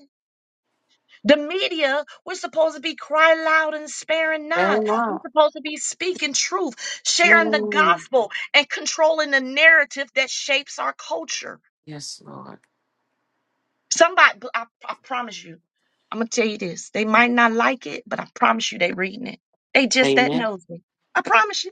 [SPEAKER 1] The media, we're supposed to be cry loud and sparing not.
[SPEAKER 2] Turn
[SPEAKER 1] We're
[SPEAKER 2] on.
[SPEAKER 1] supposed to be speaking truth, sharing the
[SPEAKER 2] Mm,
[SPEAKER 1] gospel, and controlling the narrative that shapes our culture.
[SPEAKER 2] Yes, Lord.
[SPEAKER 1] Somebody, I, I promise you, I'm gonna tell you this. They might not like it, but I promise you, they reading it. They just that
[SPEAKER 2] Amen.
[SPEAKER 1] nosy. I promise you.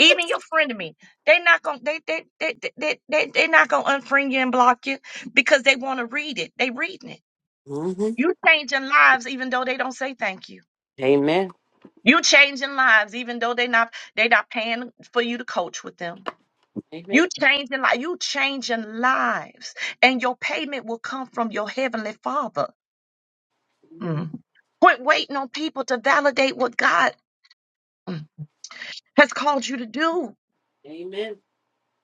[SPEAKER 1] Even your friend of me, they not gonna they they they they they they they not gonna unfriend you and block you because they want to read it. They reading it.
[SPEAKER 2] hmm
[SPEAKER 1] You changing lives even though they don't say thank you.
[SPEAKER 2] Amen.
[SPEAKER 1] You changing lives even though they not they not paying for you to coach with them.
[SPEAKER 2] Amen.
[SPEAKER 1] You changing li- you changing lives, and your payment will come from your heavenly Father. Mm. Quit waiting on people to validate what God mm, has called you to do.
[SPEAKER 2] Amen.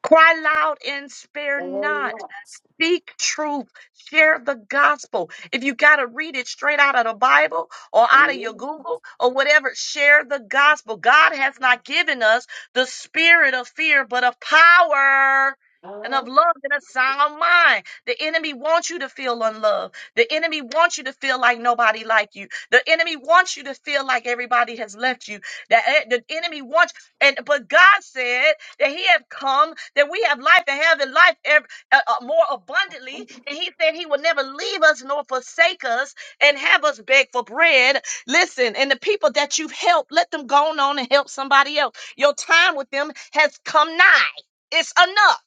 [SPEAKER 1] Cry loud and spare
[SPEAKER 2] Very
[SPEAKER 1] not.
[SPEAKER 2] much.
[SPEAKER 1] Speak truth. Share the gospel. If you got to read it straight out of the Bible or out of your
[SPEAKER 2] Amen.
[SPEAKER 1] Google or whatever, share the gospel. God has not given us the spirit of fear, but of power and of
[SPEAKER 2] Uh,
[SPEAKER 1] love and a sound mind. The enemy wants you to feel unloved. The enemy wants you to feel like nobody like you. The enemy wants you to feel like everybody has left you. That the eh, the enemy wants and but God said that He have come that we have life and have in life uh, uh, more abundantly. And he said he will never leave us nor forsake us and have us beg for bread. Listen, and the people that you've helped, let them go on and help somebody else. Your time with them has come nigh. It's enough.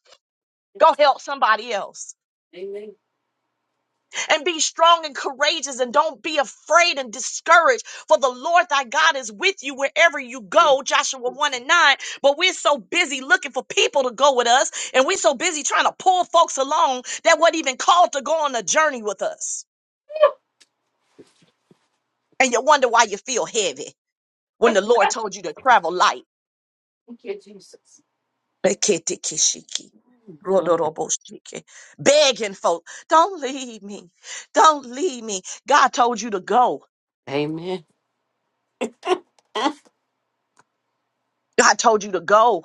[SPEAKER 1] Go help somebody else
[SPEAKER 2] Amen.
[SPEAKER 1] and be strong and courageous and don't be afraid and discouraged for the Lord thy God is with you wherever you
[SPEAKER 2] Yeah.
[SPEAKER 1] go Joshua 1
[SPEAKER 2] Jesus.
[SPEAKER 1] and 9 but we're so busy looking for people to go with us and we're so busy trying to pull folks along that weren't even called to go on a journey with us and you wonder why you feel heavy when the Lord told you to travel light
[SPEAKER 2] Thank you, Jesus.
[SPEAKER 1] Eketikishiki,
[SPEAKER 2] Mm, Lord.
[SPEAKER 1] rodoroboshiki. begging folk don't leave me don't leave me God told you to go
[SPEAKER 2] Amen.
[SPEAKER 1] God told you to go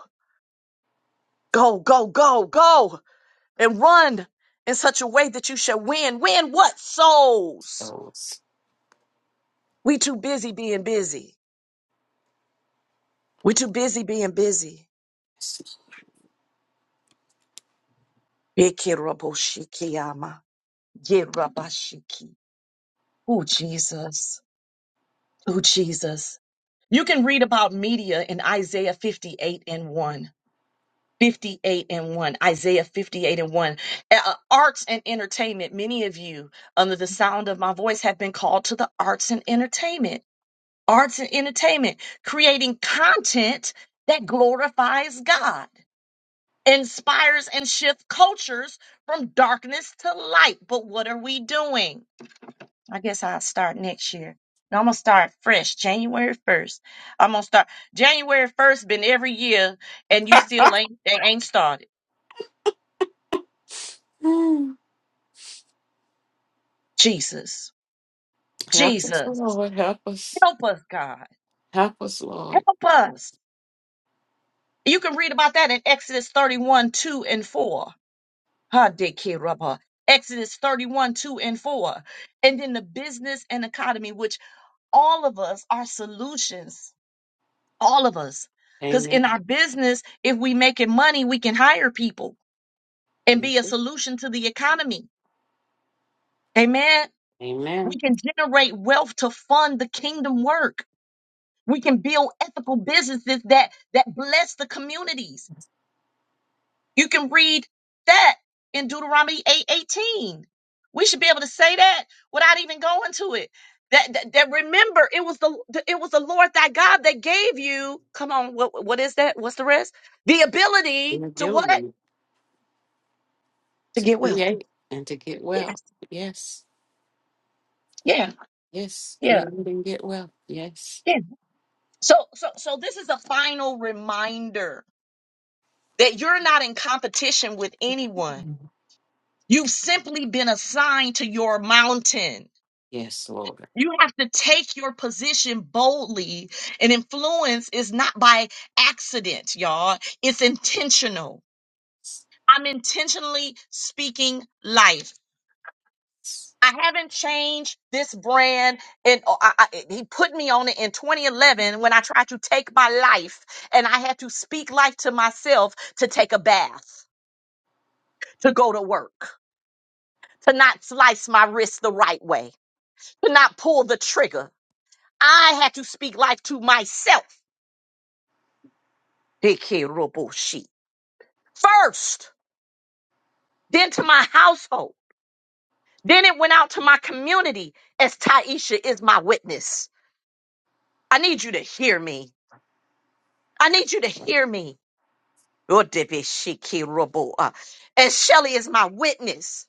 [SPEAKER 1] Go, go, go, go, and run in such a way that you shall win. Win what souls?
[SPEAKER 2] Souls.
[SPEAKER 1] We too busy being busy. We too busy being busy. Ikiraboshikiama, girabashiki. Ooh, Jesus. Ooh, Jesus. You can read about media in Isaiah 58 and 1. 58 and 1. Isaiah 58 and 1. Uh, arts and entertainment. Many of you, under the sound of my voice, have been called to the arts and entertainment. arts and entertainment, creating content that glorifies God, inspires and shifts cultures from darkness to light. But what are we doing? I guess I'll start next year. No, I'm gonna start fresh, January first. I'm gonna start January first. Been every year, and you still ain't they ain't started.
[SPEAKER 2] Mm.
[SPEAKER 1] Jesus,
[SPEAKER 2] Help us,
[SPEAKER 1] Jesus,
[SPEAKER 2] Lord. Help us.
[SPEAKER 1] help us, God,
[SPEAKER 2] Help us, Lord.
[SPEAKER 1] help us. You can read about that in Exodus 31, 2 and 4 Hadekeraba. Exodus 31, 2 and 4. And then the business and economy, which all of us are solutions. All of us. Because
[SPEAKER 2] Amen.
[SPEAKER 1] in our business, if we making money, we can hire people and be a solution to the economy. Amen. We
[SPEAKER 2] Amen.
[SPEAKER 1] can generate wealth to fund the kingdom work. We can build ethical businesses that, that bless the communities. You can read that in Deuteronomy 8:18. We should be able to say that without even going to it. That, that, that remember it was the it was the Lord thy God that gave you come on what what is that what's the rest the
[SPEAKER 2] The
[SPEAKER 1] ability to what
[SPEAKER 2] ability
[SPEAKER 1] to
[SPEAKER 2] to
[SPEAKER 1] get well
[SPEAKER 2] create and to get well.
[SPEAKER 1] yes
[SPEAKER 2] Yes.
[SPEAKER 1] yeah
[SPEAKER 2] Yes.
[SPEAKER 1] yeah
[SPEAKER 2] Create and get well. Yes.
[SPEAKER 1] yeah so so so this is a final reminder that you're not in competition with anyone you've simply been assigned to your mountain
[SPEAKER 2] Yes, Lord.
[SPEAKER 1] You have to take your position boldly. And influence is not by accident, y'all. It's intentional. I'm intentionally speaking life. I haven't changed this brand, and I, I- he put me on it in 2011 when I tried to take my life, and I had to speak life to myself to take a bath, to go to work, to not slice my wrist the right way, to not pull the trigger. I had to speak life to myself Dikeroboshi. First, then to my household. Then it went out to my community as Taisha is my witness. I need you to hear me. I need you to hear me. Odebeshikerobo. Uh, As Shelly is my witness.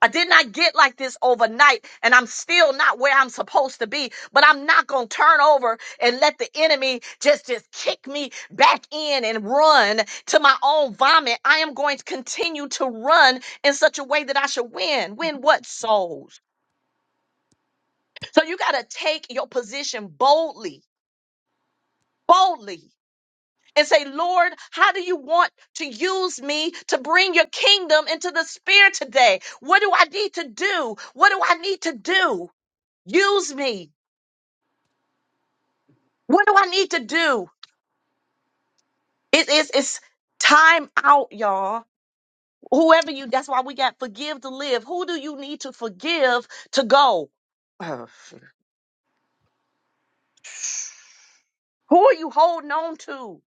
[SPEAKER 1] I did not get like this overnight, and I'm still not where I'm supposed to be, but I'm not going to turn over and let the enemy just, just kick me back in and run to my own vomit. I am going to continue to run in such a way that I should win. Win what? Souls. So you got to take your position boldly, boldly. And say, Lord, how do you want to use me to bring your kingdom into the sphere today? What do I need to do? What do I need to do? Use me. What do I need to do? It is it's time out, y'all. Whoever you that's why we got forgive to live. Who do you need to forgive to go? Ugh. Who are you holding on to?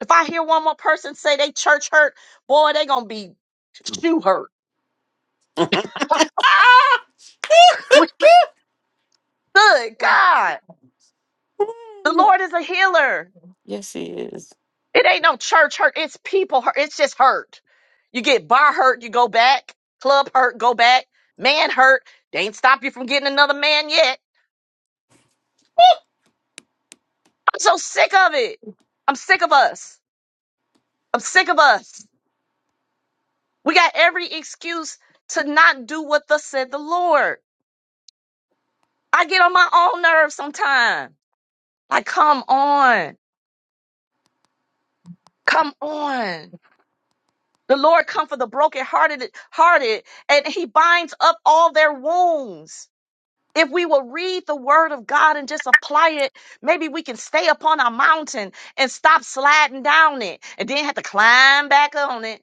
[SPEAKER 1] If I hear one more person say they church hurt, boy, they gonna be shoe hurt.
[SPEAKER 2] Ah!
[SPEAKER 1] Good God. The Lord is a healer.
[SPEAKER 2] yes, He is.
[SPEAKER 1] It ain't no church hurt. It's people hurt. It's just hurt. You get bar hurt, you go back. Club hurt, go back. Man hurt. They ain't stop you from getting another man yet. I'm so sick of it. I'm sick of us. I'm sick of us. We got every excuse to not do what thus said the Lord. I get on my own nerves sometimes. Like, come on. Come on. The Lord come for the broken hearted hearted and he binds up all their wounds. If we will read the word of God and just apply it, maybe we can stay upon our mountain and stop sliding down it and then have to climb back on it.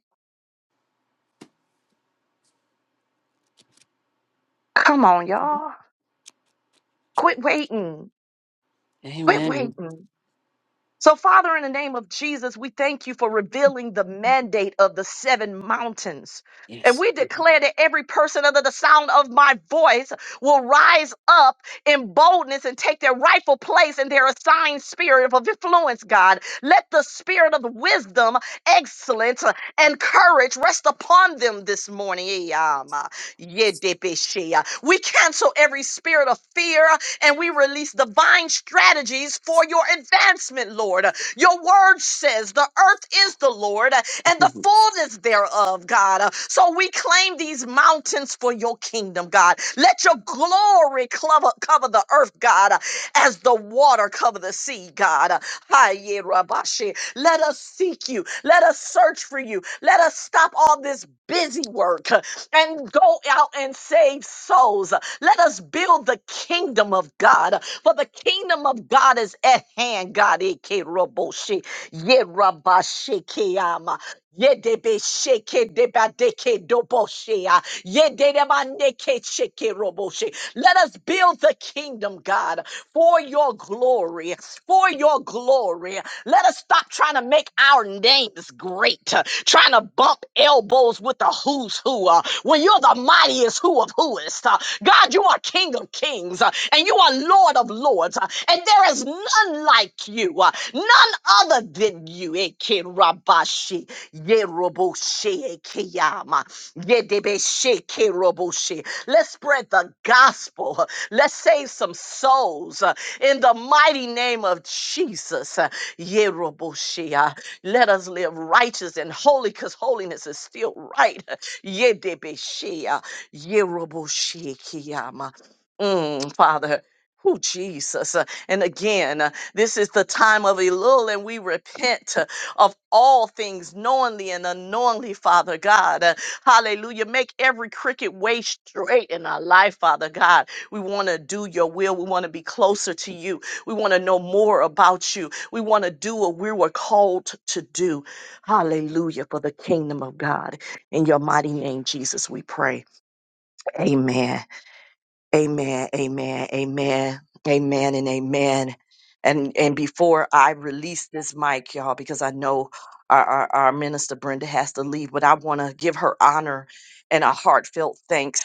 [SPEAKER 1] Come on, y'all. Quit waiting. Quit
[SPEAKER 2] Amen.
[SPEAKER 1] waiting. So, Father, in the name of Jesus, we thank you for revealing the mandate of the seven mountains. And
[SPEAKER 2] Yes.
[SPEAKER 1] we declare that every person under the sound of my voice will rise up in boldness and take their rightful place in their assigned spirit of influence, God. Let the spirit of wisdom, excellence, and courage rest upon them this morning. Eyama, yedebeshea. We cancel every spirit of fear ah, and we release divine strategies for your advancement, Lord. Your word says the earth is the Lord ah, and the fullness thereof, God. God. Uh, So we claim these mountains for your kingdom, God. Let your glory cover, cover the earth, God, uh, as the water cover the sea, God. Uh, Haye Rabashi. Let us seek you. Let us search for you. Let us stop all this busy work uh, and go out and save souls. Uh, Let us build the kingdom of God, uh, for the kingdom of God is at hand, God. Ike Roboshi. Ye Rabashi Kiyama. Yedebe sheke deba deke dobo shea. Yedeba neke sheke robo Let us build the kingdom, God, for your glory, for your glory. Let us stop trying to make our names great, uh, trying to bump elbows with the who's who. uh, When you're the mightiest who of whoest, uh, God, you are King of kings uh, and you are Lord of lords, uh, and there is none like you, uh, none other than you. Ekerabashe. Ye robo she kiyama. Ye debe she ke robo she. Let's spread the gospel. Let's save some souls uh, in the mighty name of Jesus. Uh, Ye robo she, uh, Let us live righteous and holy because holiness is still right. Ye debe she, uh, ye robo she kiyama. Mm, Father. Oh, Jesus. Uh, And again, uh, this is the time of Elul, and we repent. uh, of all things, knowingly and unknowingly, Father God. Uh, Hallelujah. Make every crooked way straight in our life, Father God. We want to do your will. We want to be closer to you. We want to know more about you. We want to do what we were called to do. Hallelujah. For the kingdom of God. In your mighty name, Jesus, we pray. Amen. Amen, amen, amen, amen, and amen. And and before I release this mic, y'all, because I know our, our, our minister Brenda has to leave, but I want to give her honor and a heartfelt thanks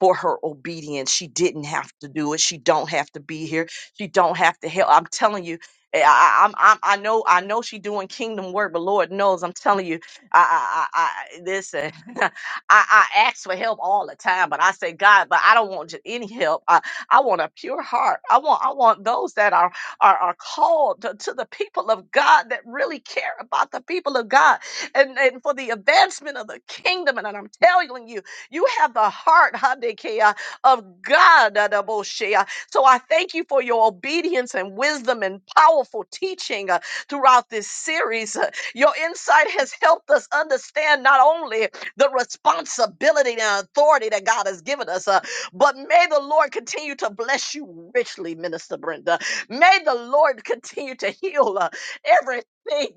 [SPEAKER 1] for her obedience. She didn't have to do it. She don't have to be here. She don't have to help. I'm telling you, eh, I, I, I'm, I'm, I know, I know she doing kingdom work, but Lord knows, I'm telling you, I, I, I, I listen. I, I ask for help all the time, but I say, God, but I don't want just any help. I, I want a pure heart. I want I want those that are are, are called to, to the people of God that really care about the people of God and, and for the advancement of the kingdom. And, I'm telling you, you have the heart, Hadekea, of God, Adaboshea. So I thank you for your obedience and wisdom and powerful teaching uh, throughout this series. Uh, your insight has helped us understand not only the responsibility and authority that God has given us. uh, but may the Lord continue to bless you richly, Minister Brenda. May the Lord continue to heal uh, everything.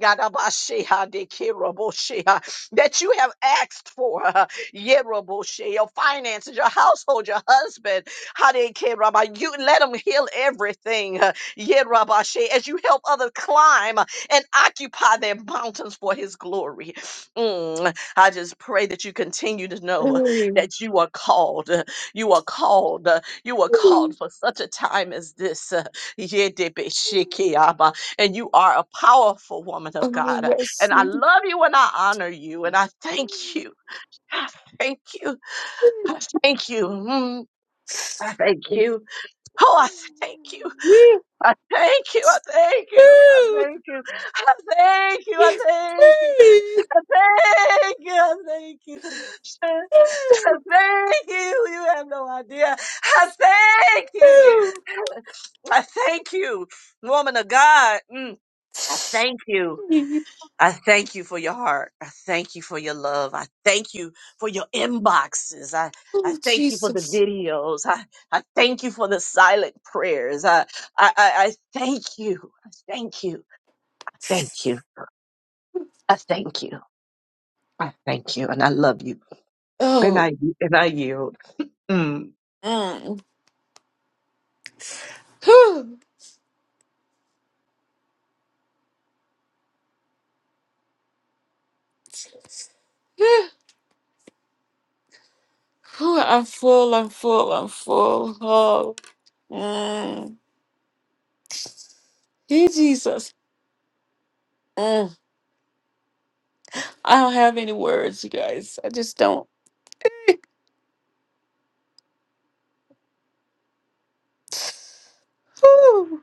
[SPEAKER 1] Gadabashiha dekiraboshiha, That you have asked for, uh, yeraboshiha, your finances, your household, your husband, hadekiraba. you let him heal everything, uh, yerabashiha, as you help others climb uh, and occupy their mountains for His glory. Mm. I just pray that you continue to know
[SPEAKER 2] Mm.
[SPEAKER 1] that you are called. uh, You are called. uh, You are called
[SPEAKER 2] Mm.
[SPEAKER 1] for such a time as this. uh, Yedebeshikiaba. And you are a powerful woman of God. uh,
[SPEAKER 2] Oh, yes.
[SPEAKER 1] And I love you and I honor you. And I thank you. I thank you. I thank you. Mm, I thank you. Oh, I thank you.
[SPEAKER 2] Mm.
[SPEAKER 1] I thank you. I thank you. I
[SPEAKER 2] Oh,
[SPEAKER 1] thank you. I thank you. I thank you. Thank you. I Thank you. I Thank you. You have no idea. I thank you. I thank you, woman of God. Mm, I thank you. I thank you for your heart. I thank you for your love. I thank you for your inboxes. I, I thank you for the
[SPEAKER 2] Jesus.
[SPEAKER 1] videos. I, I thank you for the silent prayers. I, I, I I thank you. I thank you. Thank you. I thank you. I thank you. And I love you. And
[SPEAKER 2] Oh,
[SPEAKER 1] I and I yield. Mm.
[SPEAKER 2] mm. Whew. Whew. I'm full, I'm full, I'm full. Oh, mm. Hey, Jesus. Mm. I don't have any words, you guys. I just don't. Whew.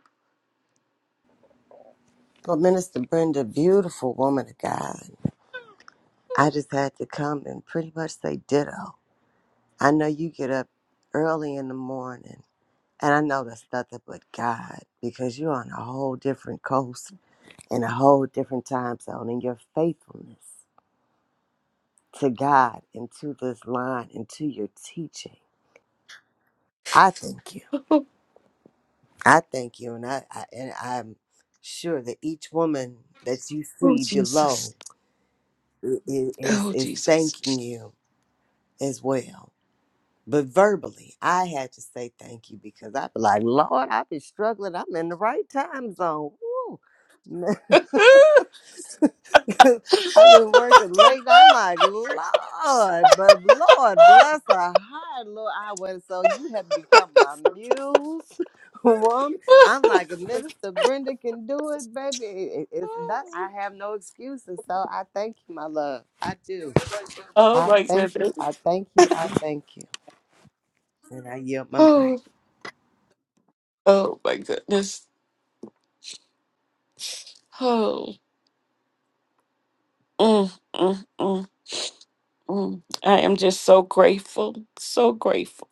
[SPEAKER 4] Well, Minister Brenda, beautiful woman of God. I just had to come and pretty much say ditto. I know you get up early in the morning, and I know that's nothing but God because you're on a whole different coast and a whole different time zone, and your faithfulness to God and to this line and to your teaching. I thank you.
[SPEAKER 2] Oh,
[SPEAKER 4] I thank you, and I, I and I'm sure that each woman that you
[SPEAKER 2] oh,
[SPEAKER 4] see below
[SPEAKER 2] Jesus.
[SPEAKER 4] i- i- is
[SPEAKER 2] Oh,
[SPEAKER 4] is
[SPEAKER 2] Jesus.
[SPEAKER 4] thanking you as well But verbally, I had to say thank you because I be like, Lord, I've been struggling. I'm in the right time zone. Woo. I've been working late. I'm like, Lord, but Lord, bless her heart, Lord. I was so you have become my muse, woman. I'm like, if Minister Brenda can do it, baby, it- it- it's not. I have no excuses. So I thank you, my love. I do.
[SPEAKER 2] Oh
[SPEAKER 4] I
[SPEAKER 2] my
[SPEAKER 4] thank you.
[SPEAKER 2] goodness.
[SPEAKER 4] I thank you. I thank you. And I yield my mind.
[SPEAKER 2] Oh, oh my goodness. Oh, mm, mm, mm, mm. I am just so grateful, so grateful,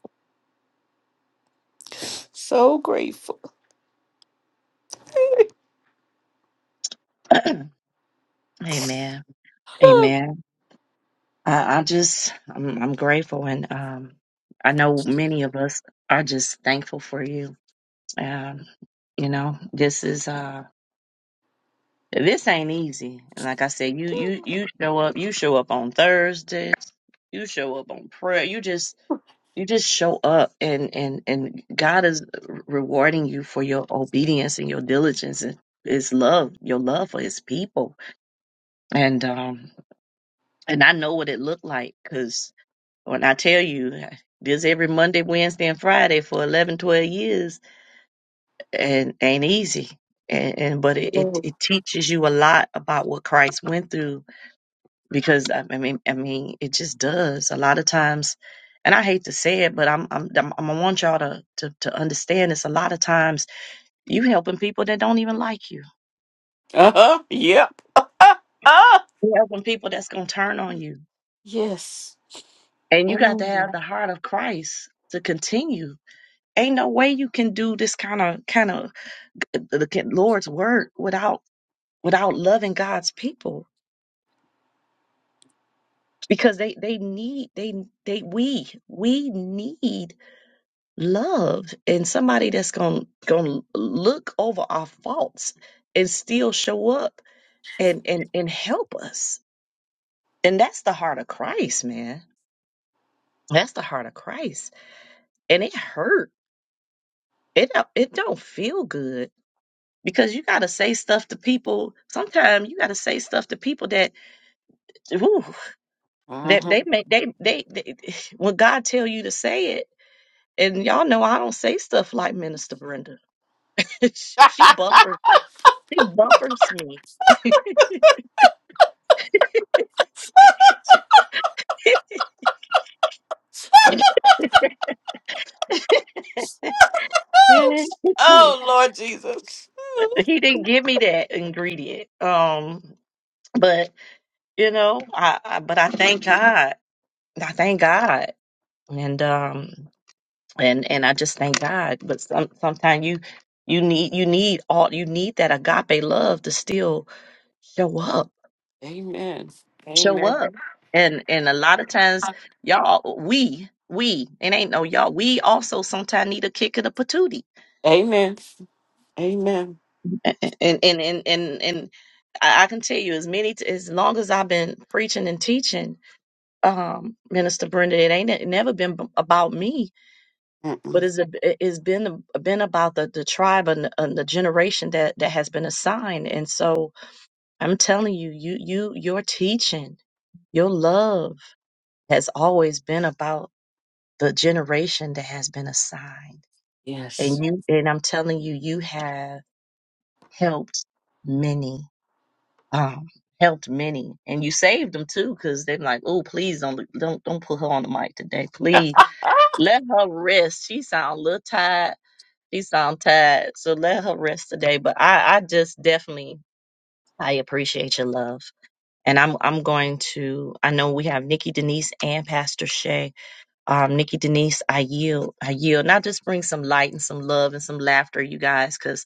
[SPEAKER 2] so grateful.
[SPEAKER 1] Amen. Amen. I, I just, I'm, I'm grateful. And um, I know many of us are just thankful for you. Um, you know, this is, uh, this ain't easy. And like I said, you, you, you show up, you show up on Thursdays, you show up on prayer. You just, you just show up and, and, and God is rewarding you for your obedience and your diligence and his love, your love for his people. and um and I know what it looked like because when I tell you this every Monday, Wednesday, and Friday for 11, 12 years, and ain't easy. And, and but it, it
[SPEAKER 2] Oh,
[SPEAKER 1] it teaches you a lot about what Christ went through because I I mean I mean it just does a lot of times, and I hate to say it, but I'm I'm I'm, I'm gonna want y'all to, to to understand this. A lot of times you helping people that don't even like you,
[SPEAKER 2] uh-huh. Yep. Uh-huh.
[SPEAKER 1] you helping people that's gonna turn on you,
[SPEAKER 2] Yes.
[SPEAKER 1] and you got to
[SPEAKER 2] Mm.
[SPEAKER 1] have the heart of Christ to continue Ain't no way you can do this kind of kind of look at Lord's work without without loving God's people because they they need they they we we need love and somebody that's gonna gonna look over our faults and still show up and and and help us and that's the heart of Christ man that's the heart of Christ and it hurt it don't- it don't feel good because you gotta say stuff to people. Sometimes you gotta say stuff to people that, whew, that
[SPEAKER 2] Uh-huh.
[SPEAKER 1] they make they, they they when God tell you to say it. And y'all know I don't say stuff like Minister Brenda. she buffers. She buffers me.
[SPEAKER 2] oh,
[SPEAKER 1] he
[SPEAKER 2] oh, Lord Jesus.
[SPEAKER 1] didn't give me that ingredient. Um, but you know, I, I but I thank God. I thank God. And um and and I just thank God. But some sometimes you you need you need all you need that agape love to still show up,
[SPEAKER 2] Amen.
[SPEAKER 1] show
[SPEAKER 2] Amen.
[SPEAKER 1] up. And and a lot of times, y'all, we we it ain't no y'all. We also sometimes need a kick of the patootie.
[SPEAKER 2] Amen. Amen.
[SPEAKER 1] And and and and and and I I can tell you as many t- as long as I've been preaching and teaching, um, Minister Brenda, it ain't never been b- about me but
[SPEAKER 2] Mm-mm.
[SPEAKER 1] it's, a, it's been been about the, the tribe and, and the generation that, that has been assigned and so i'm telling you you you your teaching your love has always been about the generation that has been assigned
[SPEAKER 2] Yes.
[SPEAKER 1] and you and i'm telling you you have helped many um helped many and you saved them too because they're like oh please don't don't don't put her on the mic today please let her rest she sound a little tired She sound tired, so let her rest today. But I, I just definitely, I appreciate your love, and I'm, I'm going to. I know we have Nikki Denise and Pastor Shay. Um, Nikki Denise, I yield, I yield. Now just bring some light and some love and some laughter, you guys, 'cause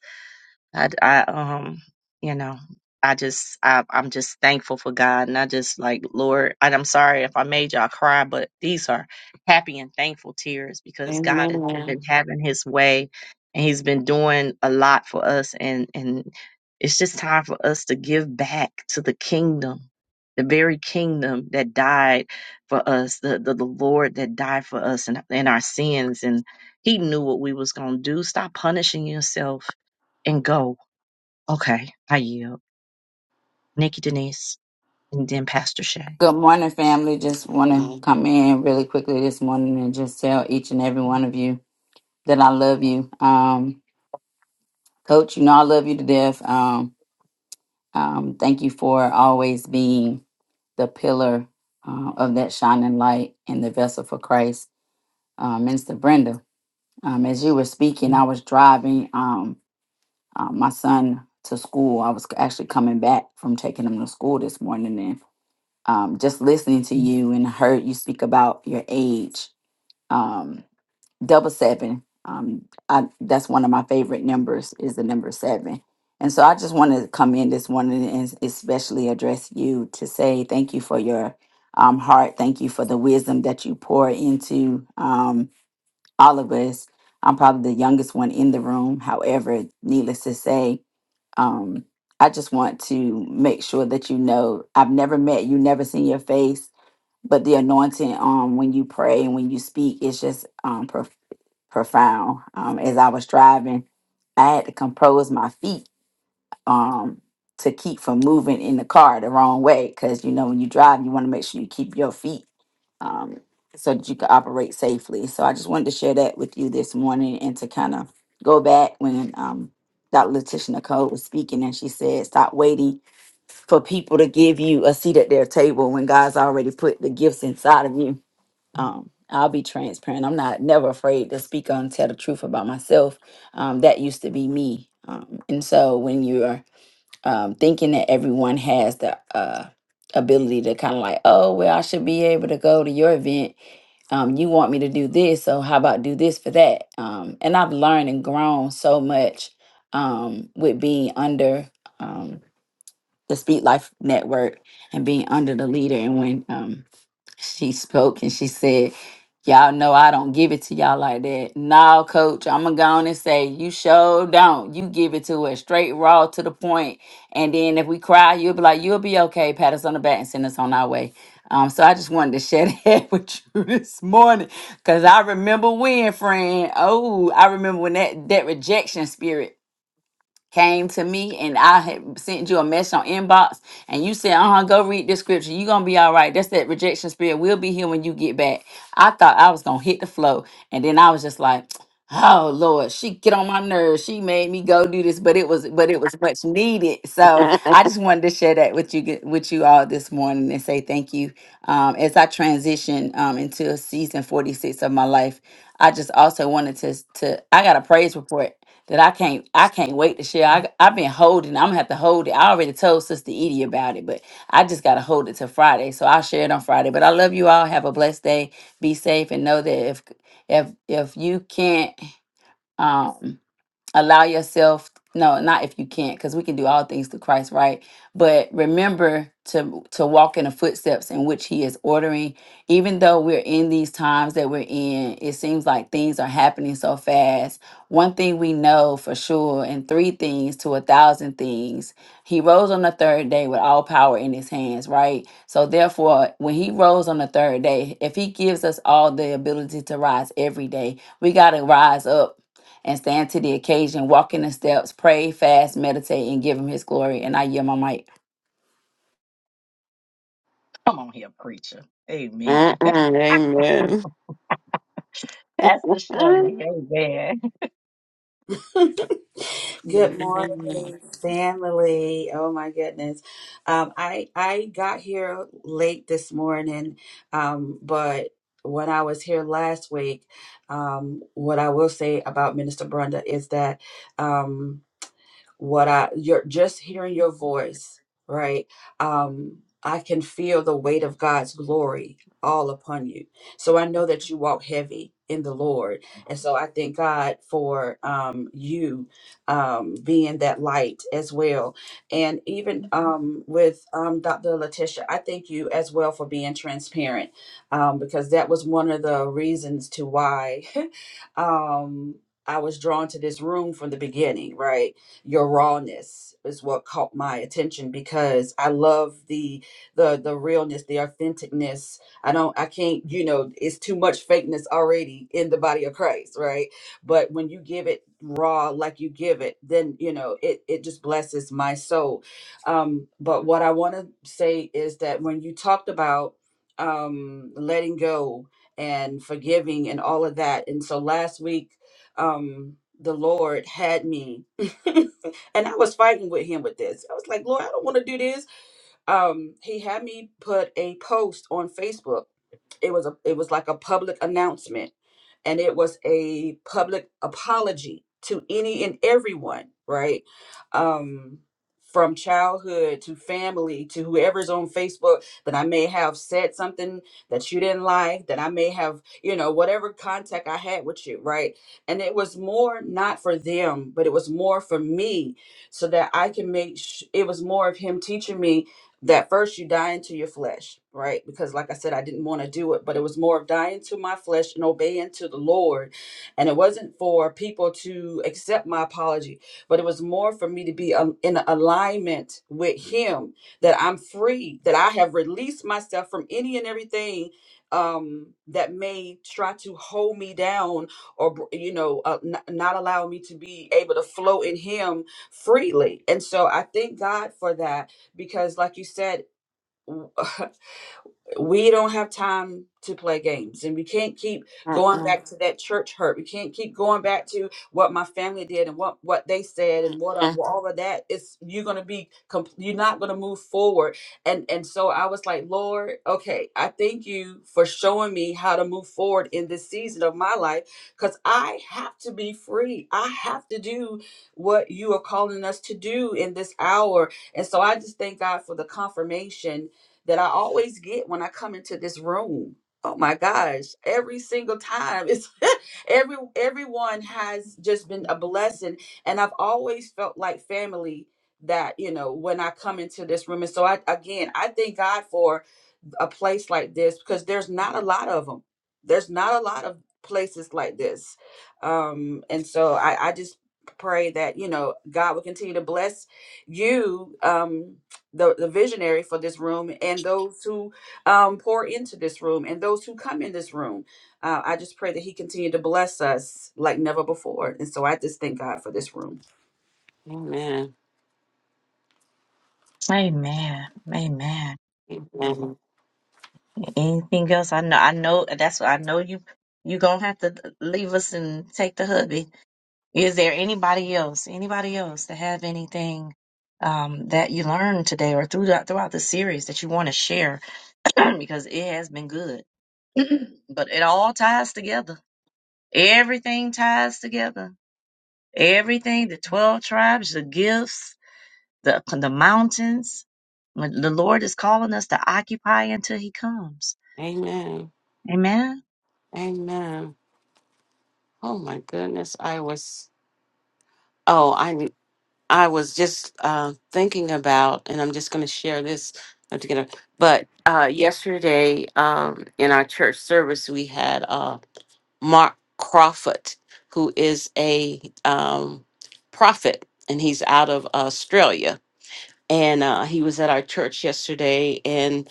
[SPEAKER 1] I, I um, you know, I just, I, I'm just thankful for God, and I just like Lord, and I'm sorry if I made y'all cry, but these are happy and thankful tears because God has
[SPEAKER 2] Amen.
[SPEAKER 1] been having His way, and He's been doing a lot for us, and and it's just time for us to give back to the kingdom. The very kingdom that died for us, the, the, the Lord that died for us and, and our sins, and He knew what we was gonna do. Stop punishing yourself and go Okay, I yield. Nikki Denise and then Pastor Shay.
[SPEAKER 5] Good morning, family. Just want to
[SPEAKER 2] Amen.
[SPEAKER 5] come in really quickly this morning and just tell each and every one of you that I love you. Um, Coach, you know I love you to death. Um, um, thank you for always being the pillar uh, of that shining light and the vessel for Christ. Uh, Minister Brenda, um, as you were speaking, I was driving um, uh, my son to school. I was actually coming back from taking him to school this morning and um, just listening to you and heard you speak about your age um, double seven. Um, I, that's one of my favorite numbers is the number seven. And so I just want to come in this morning and especially address you to say thank you for your um, heart. Thank you for the wisdom that you pour into um, all of us. I'm probably the youngest one in the room. However, needless to say, um, I just want to make sure that you know I've never met you, never seen your face but the anointing um when you pray and when you speak it's just um profound profound. Um, as I was driving, I had to compose my feet um, to keep from moving in the car the wrong way because you know when you drive, you want to make sure you keep your feet um, so that you can operate safely. So I just wanted to share that with you this morning and to kind of go back when um, Dr. Letitia Nicole was speaking and she said, "Stop waiting for people to give you a seat at their table when God's already put the gifts inside of you." um, I'll be transparent. I'm not never afraid to speak on tell the truth about myself. Um, that used to be me. Um, and so when you're um, thinking that everyone has the uh, ability to kind of like, oh, well, I should be able to go to your event. Um, you want me to do this. So how about do this for that? Um, and I've learned and grown so much um, with being under um, the Speed Life Network and being under the leader. And when um, she spoke and she said, Y'all know I don't give it to y'all like that. No, coach, I'm gonna go on and say, You sure don't. You give it to us straight, raw, to the point. And then if we cry, you'll be like, You'll be okay. Pat us on the back and send us on our way. Um, so I just wanted to share that with you this morning because I remember when, friend. Oh, I remember when that, that rejection spirit came to me and I had sent you a message on inbox and you said, uh huh, go read this scripture. You're going to be all right. That's that rejection spirit. We'll be here when you get back. I thought I was going to hit the flow. And then I was just like, oh Lord, she get on my nerves. She made me go do this, but it was, but it was much needed. So I just wanted to share that with you, g- with you all this morning and say thank you. Um, as I transition um, into season 46 of my life, I just also wanted to, to, I got a praise report that I can't I can't wait to share. I I've been holding. I'm gonna have to hold it. I already told Sister Edie about it, but I just gotta hold it till Friday. So I'll share it on Friday. But I love you all. Have a blessed day. Be safe and know that if if if you can't um allow yourself no not if you can't because we can do all things through christ right but remember to to walk in the footsteps in which he is ordering even though we're in these times that we're in it seems like things are happening so fast one thing we know for sure and three things to a thousand things he rose on the third day with all power in his hands right so therefore when he rose on the third day if he gives us all the ability to rise every day we got to rise up and stand to the occasion, walk in the steps, pray, fast, meditate, and give him his glory. And I yield my mic.
[SPEAKER 1] Come on here, preacher.
[SPEAKER 2] Uh-uh.
[SPEAKER 1] Amen.
[SPEAKER 2] Amen.
[SPEAKER 1] Pastor Shirley. Amen.
[SPEAKER 6] Good
[SPEAKER 2] Amen.
[SPEAKER 6] morning, family. Oh my goodness. Um, I I got here late this morning, um, but when I was here last week, um, what I will say about Minister Brenda is that um, what I you're just hearing your voice, right? Um, I can feel the weight of God's glory all upon you. So I know that you walk heavy in the Lord. And so I thank God for um you um being that light as well. And even um with um Dr. Letitia, I thank you as well for being transparent. Um, because that was one of the reasons to why um I was drawn to this room from the beginning, right? your rawness is what caught my attention because I love the the the realness, the authenticness. I don't I can't, you know, it's too much fakeness already in the body of Christ, right? But when you give it raw like you give it, then you know, it it just blesses my soul. Um but what I want to say is that when you talked about um letting go and forgiving and all of that. And so last week um the Lord had me And I was fighting with him with this. I was like, Lord, I don't want to do this um he had me put a post on facebook it was a it was like a public announcement and it was a public apology to any and everyone right um from childhood to family to whoever's on facebook that i may have said something that you didn't like that i may have you know whatever contact i had with you right and it was more not for them but it was more for me so that i can make sh- it was more of him teaching me that first you die into your flesh, right? Because like I said, I didn't want to do it, but it was more of dying to my flesh and obeying to the Lord. And it wasn't for people to accept my apology, but it was more for me to be um, in alignment with Him that I'm free, that I have released myself from any and everything um that may try to hold me down or br- you know uh, n- not allow me to be able to flow in him freely and so i thank god for that because like you said we don't have time to play games and we can't keep going
[SPEAKER 2] Uh-uh.
[SPEAKER 6] back to that church hurt we can't keep going back to what my family did and what what they said and what,
[SPEAKER 2] Uh-uh.
[SPEAKER 6] what all of that it's you're going to be comp- you're not going to move forward and and so i was like lord okay i thank you for showing me how to move forward in this season of my life because i have to be free i have to do what you are calling us to do in this hour and so i just thank god for the confirmation that I always get when I come into this room. Oh my gosh, every single time it's every everyone has just been a blessing and I've always felt like family that, you know, when I come into this room. And so I again, I thank God for a place like this because there's not a lot of them. There's not a lot of places like this. Um, and so I, I just pray that, you know, God will continue to bless you, um, the, the visionary for this room and those who um, pour into this room and those who come in this room. Uh, I just pray that he continue to bless us like never before. And so I just thank God for this room.
[SPEAKER 2] Amen.
[SPEAKER 1] Amen. Amen.
[SPEAKER 2] Amen.
[SPEAKER 1] Anything else? I know I know that's what I know you you gonna have to leave us and take the hubby. Is there anybody else? Anybody else that have anything um that you learned today or throughout throughout the series that you want to share because it has been good. but it all ties together. Everything ties together. Everything, the 12 tribes, the gifts, the, the mountains. The Lord is calling us to occupy until he comes.
[SPEAKER 2] Amen.
[SPEAKER 1] Amen.
[SPEAKER 2] Amen. Oh my goodness. I was oh, I I was just uh thinking about and I'm just gonna share this I have to get a but uh yesterday um in our church service we had uh, Mark Crawford, who is a um, prophet, and he's out of Australia. And uh, he was at our church yesterday, and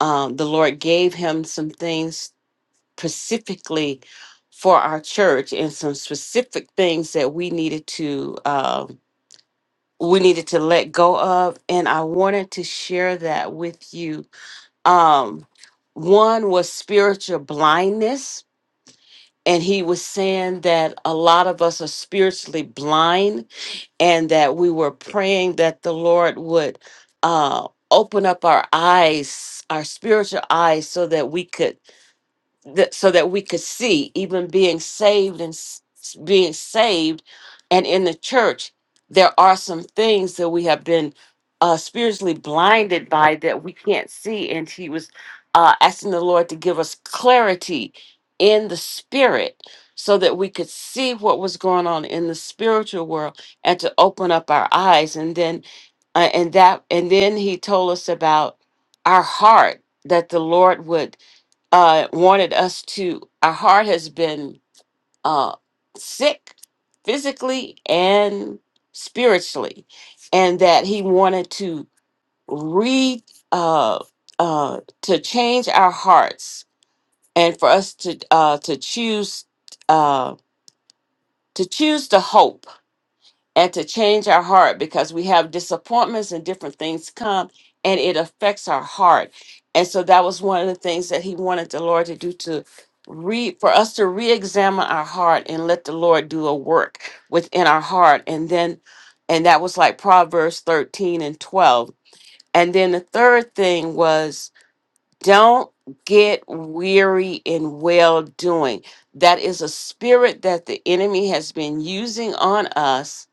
[SPEAKER 2] um, the Lord gave him some things specifically for our church and some specific things that we needed to um, we needed to let go of. And I wanted to share that with you. Um, one was spiritual blindness and he was saying that a lot of us are spiritually blind and that we were praying that the lord would uh, open up our eyes our spiritual eyes so that we could that so that we could see even being saved and s- being saved and in the church there are some things that we have been uh, spiritually blinded by that we can't see and he was uh, asking the lord to give us clarity in the spirit so that we could see what was going on in the spiritual world and to open up our eyes and then uh, and that and then he told us about our heart that the lord would uh, wanted us to, our heart has been uh, sick physically and spiritually, and that he wanted to re, uh, uh, to change our hearts and for us to, uh, to choose, uh, to choose the hope and to change our heart because we have disappointments and different things come and it affects our heart. And so that was one of the things that he wanted the Lord to do to re for us to re-examine our heart and let the Lord do a work within our heart. And then and that was like Proverbs 13 and 12. And then the third thing was don't get weary in well doing. That is a spirit that the enemy has been using on us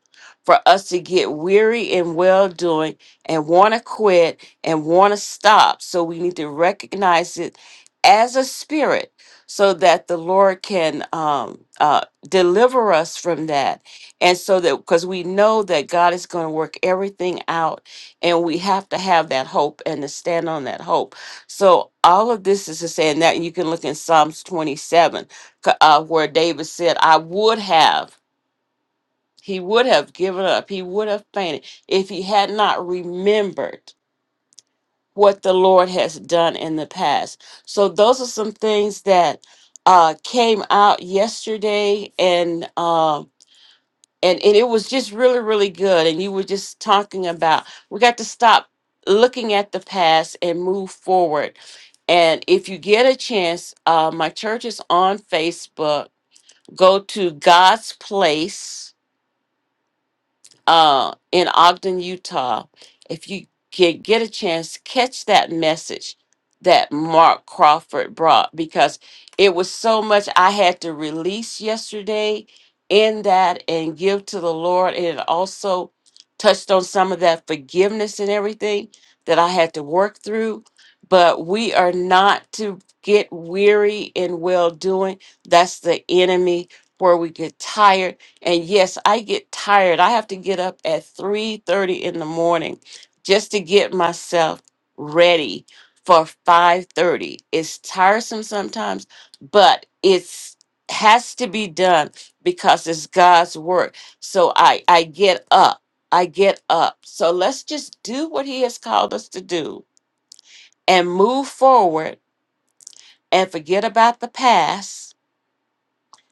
[SPEAKER 2] for us to get weary in well doing and want to quit and want to stop. So we need to recognize it as a spirit so that the Lord can um, uh, deliver us from that. And so that because we know that God is going to work everything out and we have to have that hope and to stand on that hope. So all of this is to say, and that you can look in Psalms 27, c- uh, where David said, I would have, he would have given up, he would have fainted if he had not remembered what the Lord has done in the past. So those are some things that uh, came out yesterday and, um, and, and it was just really, really good. And you were just talking about, we got to stop looking at the past and move forward And if you get a chance, uh, my church is on Facebook. Go to God's Place uh, in Ogden, Utah. If you get, get a chance, catch that message that Mark Crawford brought because it was so much I had to release yesterday in that and give to the Lord. And it also touched on some of that forgiveness and everything that I had to work through. But we are not to get weary in well doing. That's the enemy where we get tired and yes, I get tired. I have to get up at 3:30 in the morning just to get myself ready for 5:30. It's tiresome sometimes, but it's has to be done because it's God's work. So I I get up. I get up. So let's just do what he has called us to do and move forward and forget about the past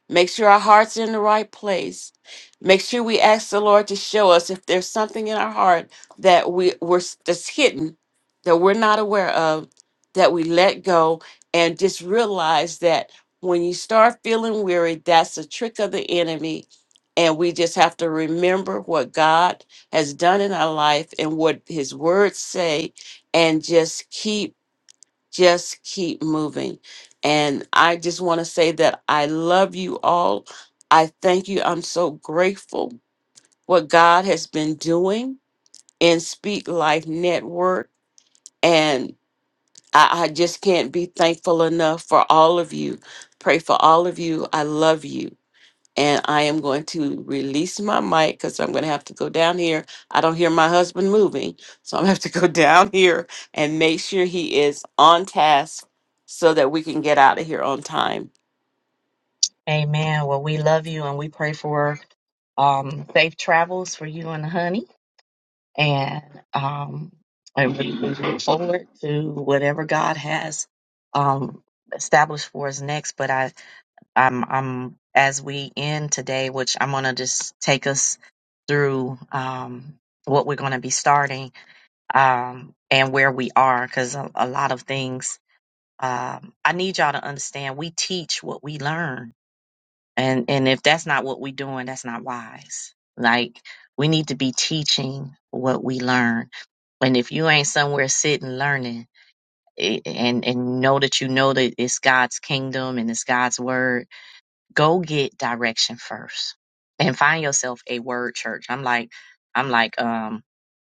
[SPEAKER 2] Make sure our hearts are in the right place. Make sure we ask the Lord to show us if there's something in our heart that we we're that's hidden, that we're not aware of, that we let go and just realize that when you start feeling weary, that's a trick of the enemy. And we just have to remember what God has done in our life and what his words say and just keep just keep moving. And I just want to say that I love you all. I thank you. I'm so grateful what God has been doing in Speak Life Network. And I, I just can't be thankful enough for all of you. Pray for all of you. I love you and I am going to release my mic because I'm going to have to go down here. I don't hear my husband moving, so I'm going to have to go down here and make sure he is on task so that we can get out of here on time.
[SPEAKER 1] Amen. Well, we love you and we pray for um, safe travels for you and honey. And, um, I we look forward to whatever God has um, established for us next. But I, I'm, I'm, as we end today, which I'm going to just take us through um, what we're going to be starting um, and where we are because a, a lot of things um, i need y'all to understand we teach what we learn and and if that's not what we're doing that's not wise like we need to be teaching what we learn and if you ain't somewhere sitting learning i- and and know that you know that it's god's kingdom and it's god's word go get direction first and find yourself a word church i'm like i'm like um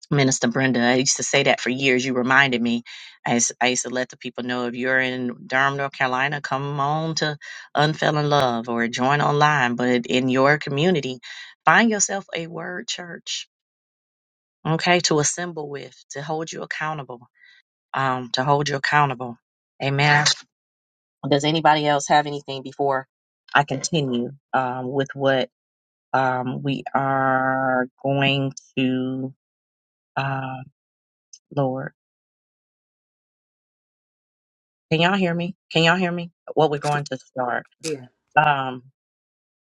[SPEAKER 1] Minister Brenda, I used to say that for years. You reminded me. I used, I used to let the people know if you're in Durham, North Carolina, come on to Unfell in Love or join online. But in your community, find yourself a word church, okay, to assemble with, to hold you accountable, um, to hold you accountable. Amen. Does anybody else have anything before I continue um, with what um, we are going to, um, Lord? Can y'all hear me? Can y'all hear me? Well, we're going to start. Um,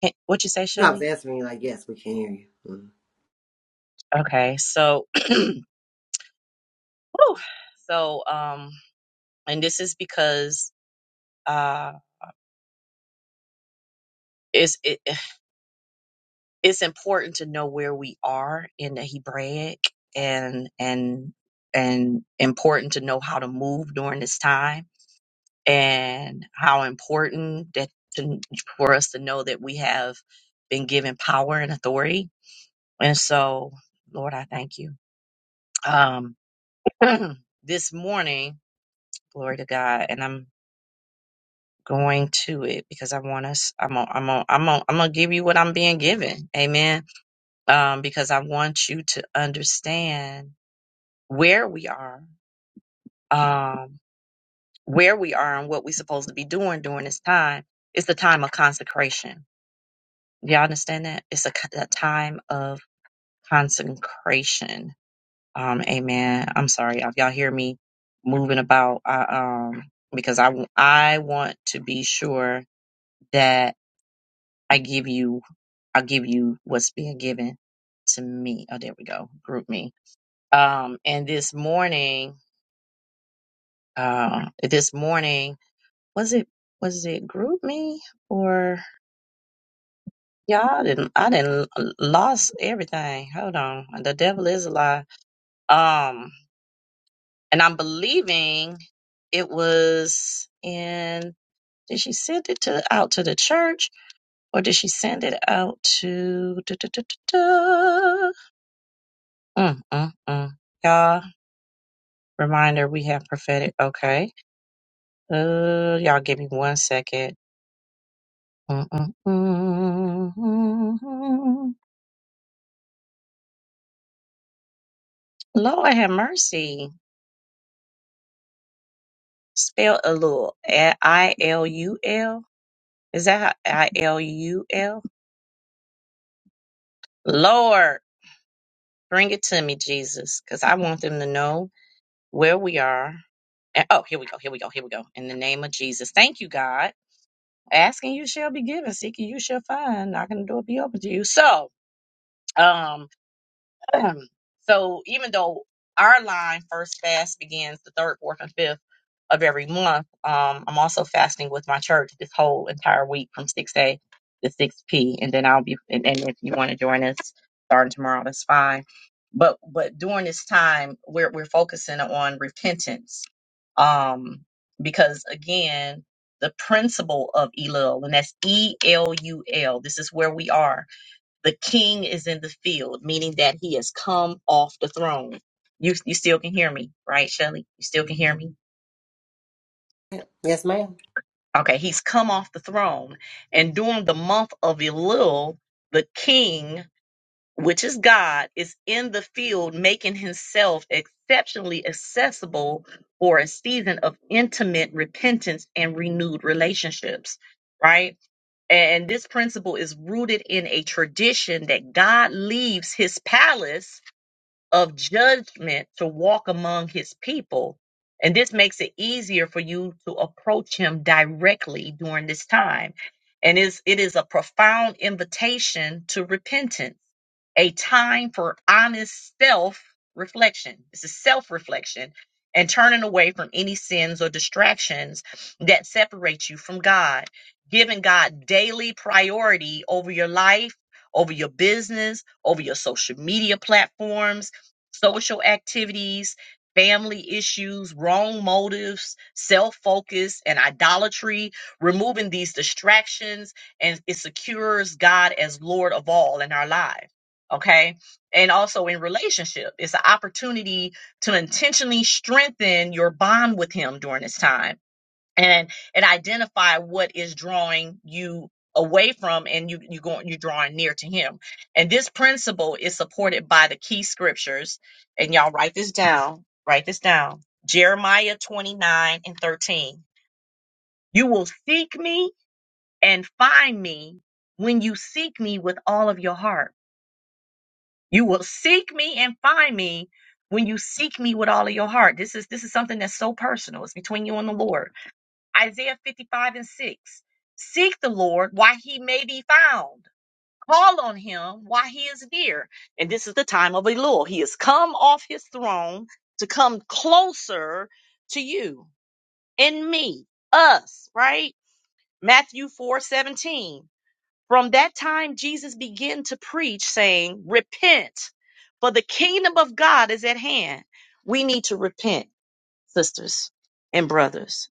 [SPEAKER 1] can, what you say,
[SPEAKER 4] No, I was
[SPEAKER 1] Shelley?
[SPEAKER 4] answering you like, yes, we can hear you. Mhm.
[SPEAKER 1] Okay, so, whew, so, um, and this is because uh, it's it, it's important to know where we are in the Hebraic, and and and important to know how to move during this time, and how important that to, for us to know that we have been given power and authority. And so, Lord, I thank you. Um, this morning. Glory to God, and I'm going to it because I want us. I'm gonna, I'm gonna, I'm gonna, I'm gonna give you what I'm being given. Amen. Um, because I want you to understand where we are, um, where we are, and what we're supposed to be doing during this time. It's the time of consecration. Do y'all understand that? It's a, co- a time of consecration Um, amen. I'm sorry if y'all hear me moving about. I, um, because I I want to be sure that I give you I give you what's being given to me. Oh, there we go. Group me. Um, and this morning, uh, this morning was it was it group me or y'all didn't I didn't uh, lost everything. Hold on, the devil is a lie. Um. and I'm believing it was in. Did she send it to out to the church, or did she send it out to? duh, duh, duh, duh, duh? Mm, mm, mm. Y'all, reminder: we have prophetic. Okay, uh, y'all, give me one second. Mm, mm, mm, mm, mm. Lord have mercy. Spell Alul. a i l u l. Is that I L U L? Lord. Bring it to me, Jesus, because I want them to know where we are. And, oh, here we go. Here we go. Here we go. In the name of Jesus. Thank you, God. Asking you shall be given. Seeking you shall find. Knocking the door be open to you. So, um, so even though our line first fast begins the third, fourth, and fifth of every month, um, I'm also fasting with my church this whole entire week from 6 a to 6 p. And then I'll be and, and if you want to join us starting tomorrow, that's fine. But but during this time, we're we're focusing on repentance, um, because again, the principle of Elul, and that's E L U L. This is where we are the king is in the field, meaning that he has come off the throne. You you still can hear me, right, Shelley? You still can hear me?
[SPEAKER 4] Yes, ma'am.
[SPEAKER 1] Okay, he's come off the throne. And during the month of Elul, the king, which is God, is in the field making himself exceptionally accessible for a season of intimate repentance and renewed relationships, right? And this principle is rooted in a tradition that God leaves his palace of judgment to walk among his people. And this makes it easier for you to approach him directly during this time. And it's, it is a profound invitation to repentance a time for honest self reflection. This is self reflection and turning away from any sins or distractions that separate you from God, giving God daily priority over your life, over your business, over your social media platforms, social activities. Family issues, wrong motives, self focus, and idolatry, removing these distractions, and it secures God as Lord of all in our lives okay and also in relationship it's an opportunity to intentionally strengthen your bond with him during this time and and identify what is drawing you away from and you you going you're drawing near to him and this principle is supported by the key scriptures and y'all write this down write this down jeremiah 29 and 13 you will seek me and find me when you seek me with all of your heart you will seek me and find me when you seek me with all of your heart. This is this is something that's so personal. It's between you and the Lord. Isaiah 55 and 6. Seek the Lord while he may be found. Call on him while he is near. And this is the time of Elul. He has come off his throne to come closer to you and me, us, right? Matthew 4 17. From that time, Jesus began to preach, saying, Repent, for the kingdom of God is at hand. We need to repent, sisters and brothers,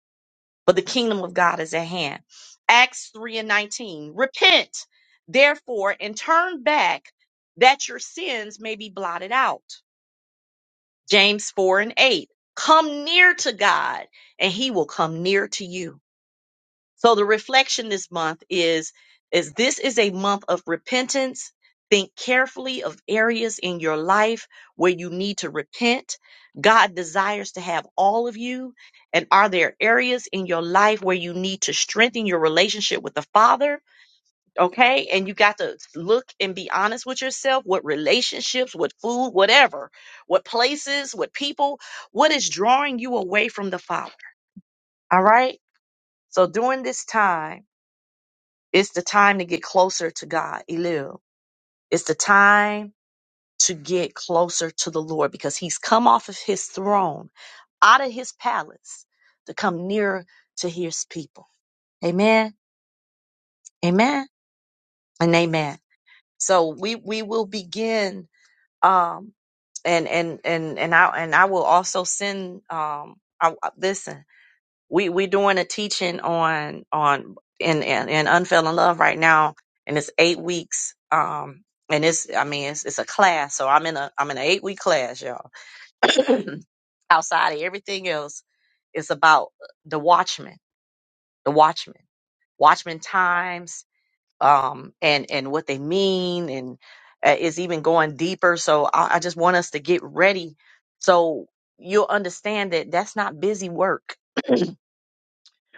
[SPEAKER 1] for the kingdom of God is at hand. Acts 3 and 19. Repent, therefore, and turn back that your sins may be blotted out. James 4 and 8. Come near to God, and he will come near to you. So the reflection this month is is this is a month of repentance. Think carefully of areas in your life where you need to repent. God desires to have all of you. And are there areas in your life where you need to strengthen your relationship with the Father? Okay. And you got to look and be honest with yourself. What relationships, what food, whatever, what places, what people, what is drawing you away from the Father? All right. So during this time, it's the time to get closer to God, Elil. It's the time to get closer to the Lord because he's come off of his throne, out of his palace, to come nearer to his people. Amen. Amen. And amen. So we we will begin um and and and and I and I will also send um I I- listen. we we doing a teaching on on in in, in unfell in love right now and it's eight weeks um and it's i mean it's, it's a class so i'm in a i'm in an eight week class y'all outside of everything else it's about the Watchmen, the Watchmen, Watchmen times um and and what they mean and uh, it's even going deeper so I, I just want us to get ready so you'll understand that that's not busy work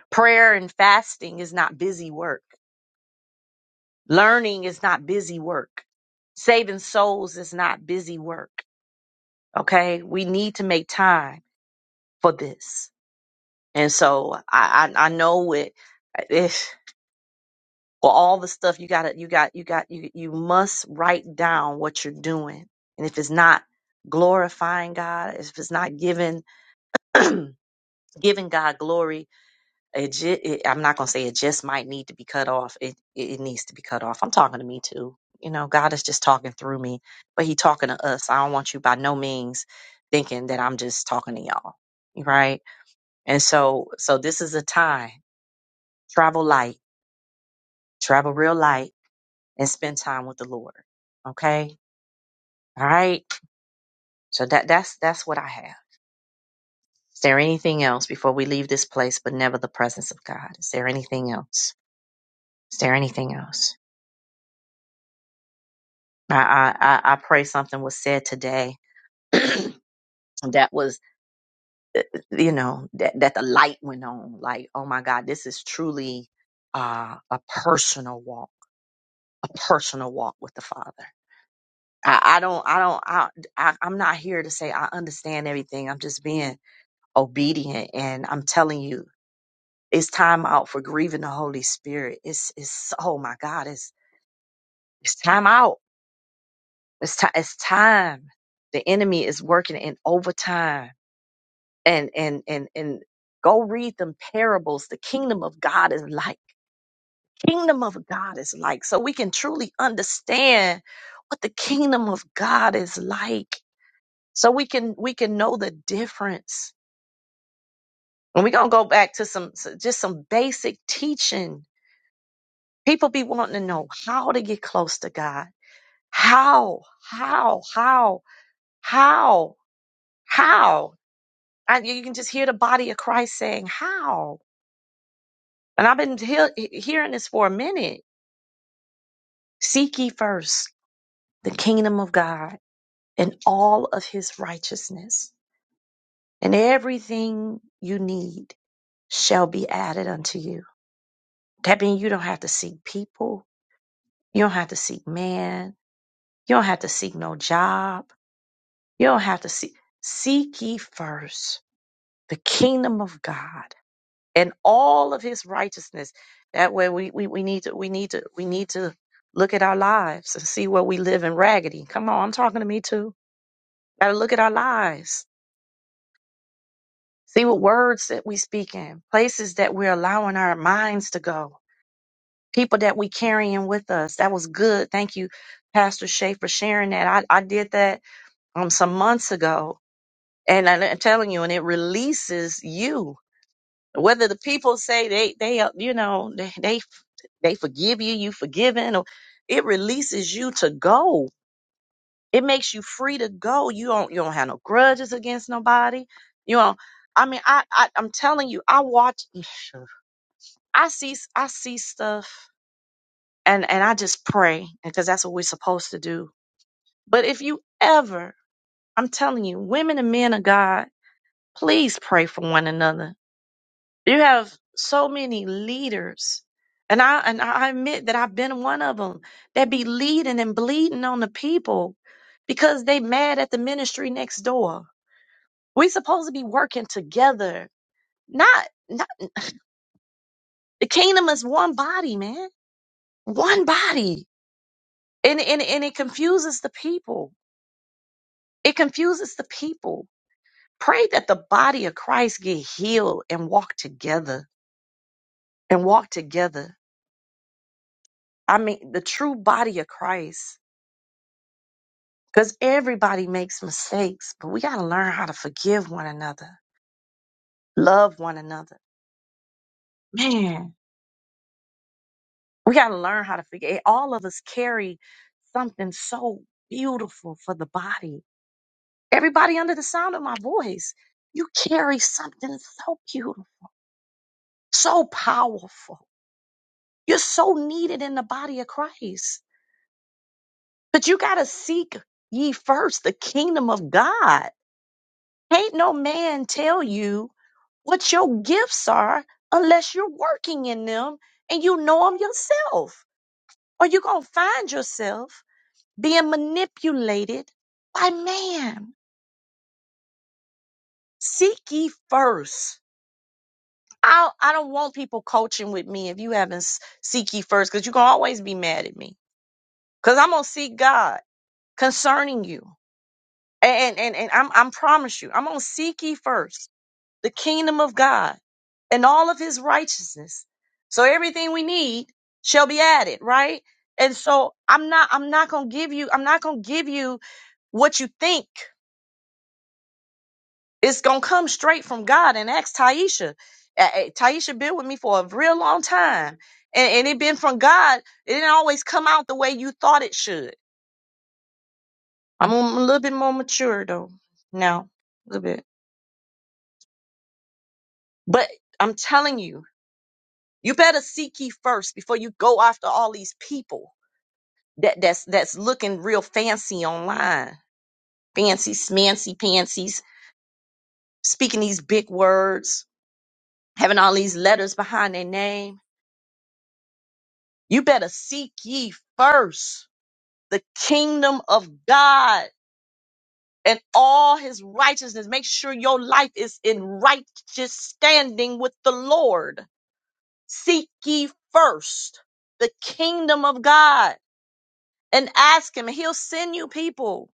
[SPEAKER 1] Prayer and fasting is not busy work. Learning is not busy work. Saving souls is not busy work. Okay. We need to make time for this. And so I, I, I know it, it, well, all the stuff you gotta, you got, you got, you, you must write down what you're doing. And if it's not glorifying God, if it's not giving, giving God glory, It, ju- it I'm not gonna say it just might need to be cut off. It, it it needs to be cut off. I'm talking to me too. You know, God is just talking through me, but He talking to us. I don't want you by no means thinking that I'm just talking to y'all, right? And so, so this is a time travel light, travel real light, and spend time with the Lord. Okay, all right. So that that's that's what I have. Is there anything else before we leave this place? But never the presence of God. Is there anything else? Is there anything else? I, I, I I pray something was said today that was, you know, that, that the light went on. Like, oh my God, this is truly uh, a personal walk, a personal walk with the Father. I, I don't, I don't, I, I, I'm not here to say I understand everything. I'm just being obedient. And I'm telling you, it's time out for grieving the Holy Spirit. It's, it's, oh my God, it's, it's time out. It's time, it's time. The enemy is working in overtime and and and and go read them parables the kingdom of god is like kingdom of god is like so we can truly understand what the kingdom of god is like so we can we can know the difference and we're gonna go back to some s- just some basic teaching people be wanting to know how to get close to god how how how how how and you you can just hear the body of christ saying how And I've been he- hearing this for a minute. Seek ye first the kingdom of God and all of his righteousness, and everything you need shall be added unto you. That means you don't have to seek people. You don't have to seek man. You don't have to seek no job. You don't have to seek. Seek ye first the kingdom of God and all of his righteousness. That way we, we, we need to we need to we need to look at our lives and see where we live in raggedy. Come on, I'm talking to me too. Gotta look at our lives. See what words that we speak in, places that we're allowing our minds to go, people that we carrying with us. That was good. Thank you, Pastor Shay, for sharing that. I, I did that um some months ago. And I- I'm telling you, and it releases you Whether the people say they they uh, you know they they, they forgive you, you forgiven, or it releases you to go. It makes you free to go. You don't you don't have no grudges against nobody. You don't. I mean, I, I I'm telling you, I watch. I see I see stuff and and I just pray because that's what we're supposed to do. But if you ever, I'm telling you, women and men of God, please pray for one another You have so many leaders, and I and I admit that I've been one of them that be leading and bleeding on the people because they mad at the ministry next door. We supposed to be working together, not not the kingdom is one body, man, one body, and and and it confuses the people. It confuses the people. Pray that the body of Christ get healed and walk together and walk together. I mean, the true body of Christ. Because everybody makes mistakes, but we got to learn how to forgive one another, love one another. Man, we got to learn how to forgive. All of us carry something so beautiful for the body. Everybody under the sound of my voice, you carry something so beautiful, so powerful. You're so needed in the body of Christ. But you got to seek ye first the kingdom of God. Can't no man tell you what your gifts are unless you're working in them and you know them yourself. Or you're going to find yourself being manipulated by man. Seek ye first. I, I don't want people coaching with me if you haven't s- seek ye first because you're going to always be mad at me because I'm going to seek God concerning you. And, and, and I'm, I'm promise you, I'm going to seek ye first. the kingdom of God and all of his righteousness. So everything we need shall be added, right? And so I'm not I'm not going to give you I'm not going to give you what you think. It's going to come straight from God and ask Taisha. Uh, uh, Taisha been with me for a real long time. And, and it been from God. It didn't always come out the way you thought it should. I'm a little bit more mature though now, a little bit. But I'm telling you, You better seek ye first before you go after all these people that that's that's looking real fancy online. Fancy smancy pansies, speaking these big words, having all these letters behind their name. You better seek ye first the kingdom of God and all his righteousness. Make sure your life is in righteous standing with the Lord. Seek ye first the kingdom of God and ask him and he'll send you people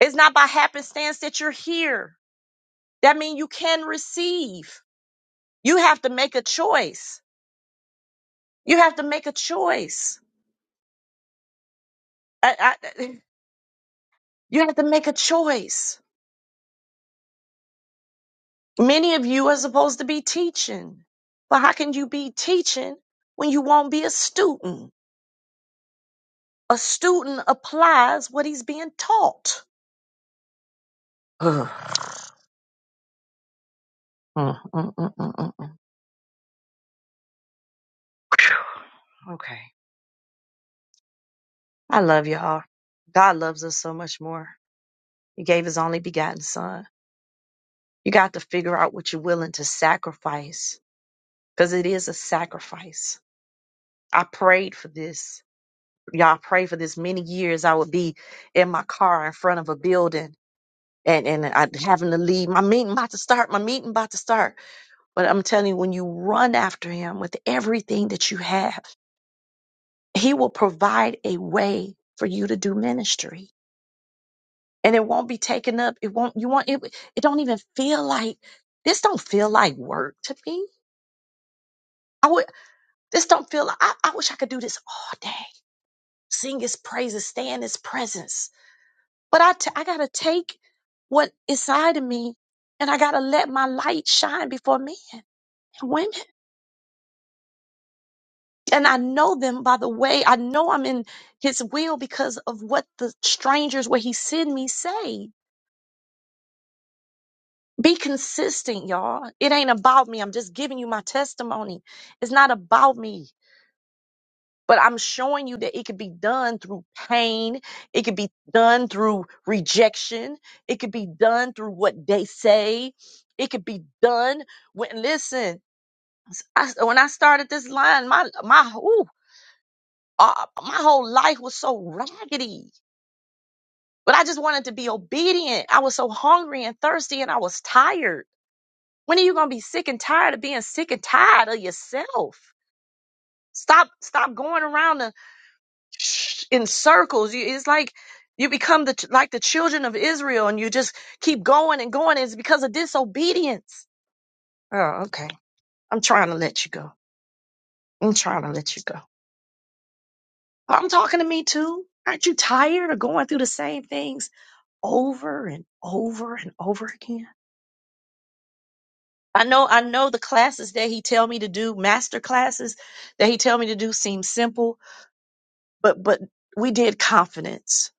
[SPEAKER 1] it's not by happenstance that you're here that means you can receive you have to make a choice you have to make a choice I, I, you have to make a choice many of you are supposed to be teaching but how can you be teaching when you won't be a student a student applies what he's being taught Ugh. Mm, mm, mm, mm, mm, mm. Phew. okay I love y'all. God loves us so much more. He gave his only begotten son. You got to figure out what you're willing to sacrifice because it is a sacrifice. I prayed for this. Y'all I prayed for this many years. I would be in my car in front of a building and, and I having to leave. My meeting about to start. My meeting about to start. But I'm telling you, when you run after him with everything that you have, he will provide a way for you to do ministry and it won't be taken up. It won't. You won't. It, it don't even feel like this. Don't feel like work to me. I would. This don't feel. Like, I, I wish I could do this all day. Sing His praises, stay in His presence. But I, t- I gotta take what inside of me, and I gotta let my light shine before men and women. And I know them by the way. I know I'm in His will because of what the strangers where He send me say. Be consistent, y'all. It ain't about me. I'm just giving you my testimony. It's not about me. But I'm showing you that it could be done through pain. It could be done through rejection. It could be done through what they say. It could be done when, listen, I, when I started this line, my, my, ooh, uh, my whole life was so raggedy. But I just wanted to be obedient. I was so hungry and thirsty and I was tired. When are you gonna be sick and tired of being sick and tired of yourself? Stop, stop going around the, in circles. You, it's like you become the like the children of Israel, and you just keep going and going. It's because of disobedience. Oh, okay. I'm trying to let you go. I'm trying to let you go. I'm talking to me too. Aren't you tired of going through the same things over and over and over again? I know, I know the classes that he tell me to do, master classes that he tell me to do seem simple but but we did confidence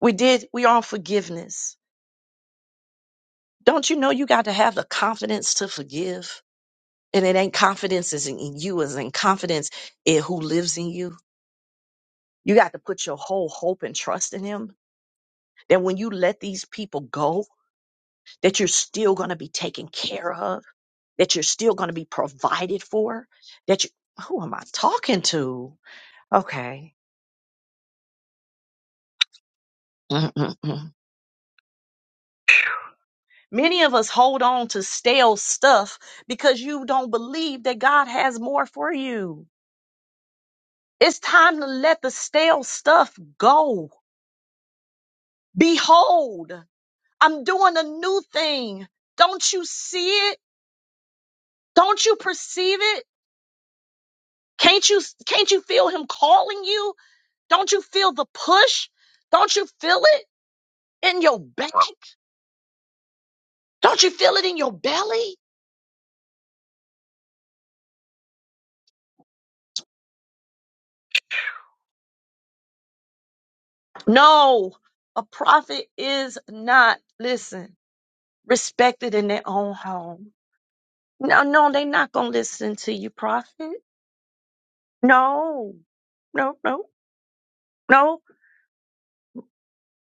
[SPEAKER 1] we did we are forgiveness don't you know you got to have the confidence to forgive and it ain't confidence is in you is in confidence in who lives in you you got to put your whole hope and trust in him that when you let these people go that you're still going to be taken care of that you're still going to be provided for that you who am i talking to okay Many of us hold on to stale stuff because you don't believe that God has more for you. It's time to let the stale stuff go. Behold, I'm doing a new thing. Don't you see it? Don't you perceive it? Can't you can't you feel him calling you? Don't you feel the push? Don't you feel it in your back? Don't you feel it in your belly? No, a prophet is not listen. respected in their own home. No, no, they're not going to listen to you, prophet. No, no, no, no.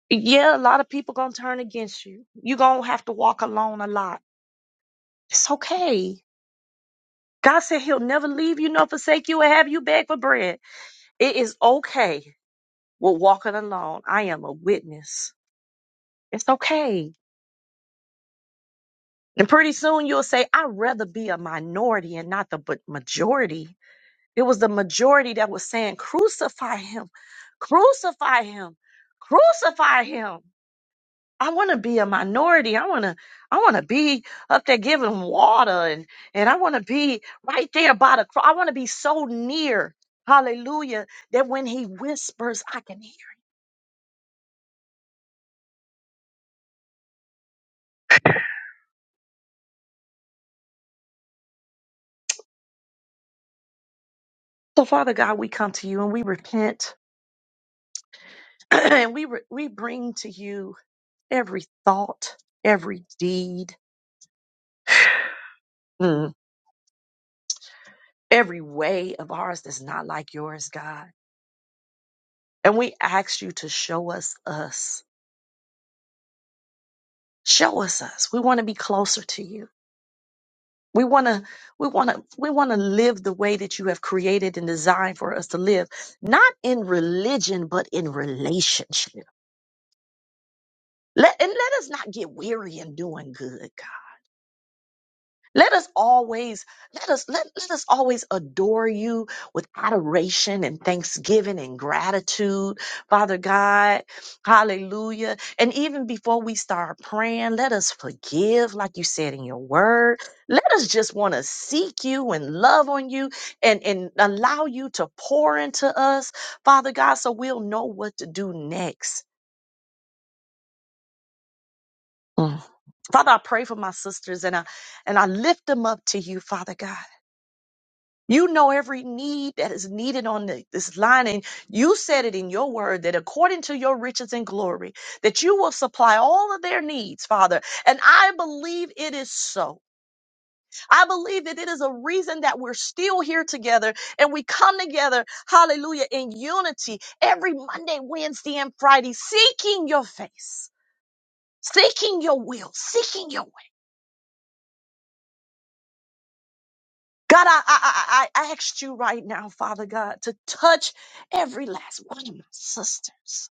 [SPEAKER 1] Yeah, a lot of people going to turn against you. You're going to have to walk alone a lot. It's okay. God said he'll never leave you nor forsake you or have you beg for bread. It is okay with walking alone. I am a witness. It's okay. And pretty soon you'll say, I'd rather be a minority and not the but majority It was the majority that was saying, Crucify him, crucify him, crucify him. I want to be a minority. I want to, I want to be up there giving water and, and I want to be right there by the cross. I want to be so near. Hallelujah. That when he whispers, I can hear. So Father God, we come to you and we repent and we, re- we bring to you every thought, every deed, mm, every way of ours that's not like yours, God. And we ask you to show us us. Show us us. We want to be closer to you. We want to we want to we want to live the way that you have created and designed for us to live, not in religion but in relationship. Let and let us not get weary in doing good, God. Let us always let us let, let us always adore you with adoration and thanksgiving and gratitude, Father God. Hallelujah. And even before we start praying, let us forgive like you said in your word. Let us just want to seek you and love on you and and allow you to pour into us, Father God, so we'll know what to do next. Mm. Father, I pray for my sisters and I and I lift them up to you, Father God. You know every need that is needed on the- this line. And you said it in your word that according to your riches and glory, that you will supply all of their needs, Father. And I believe it is so. I believe that it is a reason that we're still here together and we come together, hallelujah, in unity every Monday, Wednesday, and Friday, seeking your face, seeking your will, seeking your God, I, I, I, I asked you right now, Father God, to touch every last one of my sisters.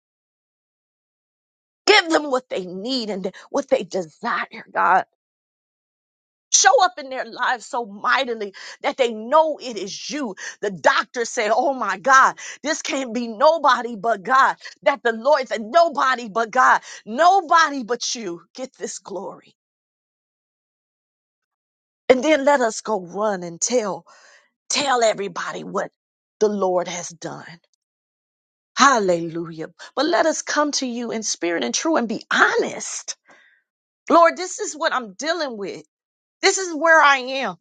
[SPEAKER 1] Give them what they need and what they desire, God. Show up in their lives so mightily that they know it is you. The doctor said, Oh my God, this can't be nobody but God. That the Lord said, Nobody but God, nobody but you. Get this glory. And then let us go run and tell, tell everybody what the Lord has done. Hallelujah. But let us come to you in spirit and true and be honest. Lord, this is what I'm dealing with. This is where I am.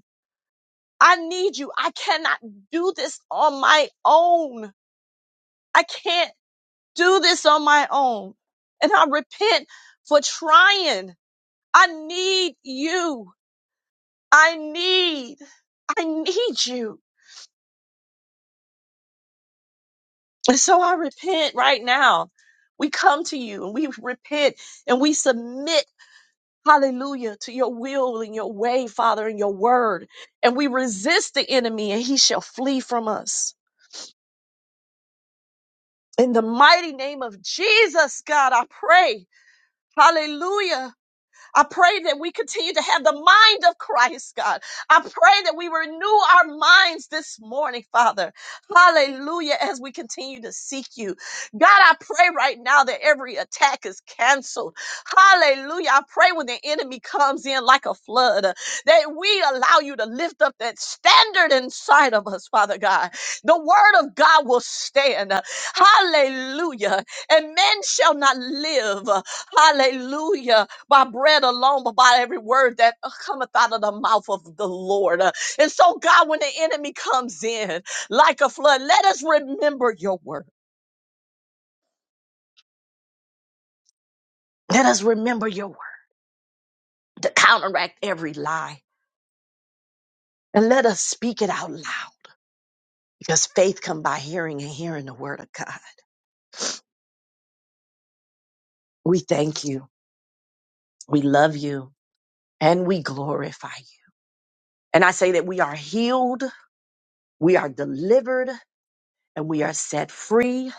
[SPEAKER 1] I need you. I cannot do this on my own. I can't do this on my own. And I repent for trying. I need you. I need, I need you. And so I repent right now. We come to you and we repent and we submit Hallelujah to your will and your way, Father, and your word. And we resist the enemy and he shall flee from us. In the mighty name of Jesus, God, I pray. Hallelujah. I pray that we continue to have the mind of Christ, God. I pray that we renew our minds this morning, Father. Hallelujah, as we continue to seek you. God, I pray right now that every attack is canceled. Hallelujah. I pray when the enemy comes in like a flood, uh, that we allow you to lift up that standard inside of us, Father God. The word of God will stand. Uh, Hallelujah. And men shall not live. Uh, Hallelujah by bread alone, but by every word that uh, cometh out of the mouth of the Lord. Uh, And so, God, when the enemy comes in like a flood, let us remember your word. Let us remember your word to counteract every lie. And let us speak it out loud because faith come by hearing and hearing the word of God. We thank you. We love you and we glorify you. And I say that we are healed, we are delivered, and we are set free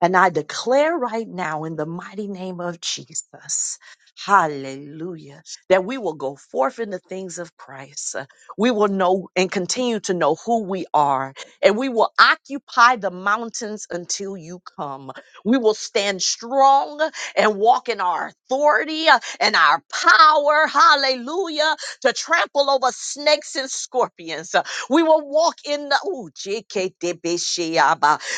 [SPEAKER 1] And I declare right now in the mighty name of Jesus, hallelujah, that we will go forth in the things of Christ. Uh, We will know and continue to know who we are, and we will occupy the mountains until you come. We will stand strong and walk in our authority uh, and our power, hallelujah, to trample over snakes and scorpions. Uh, We will walk in the, ooh,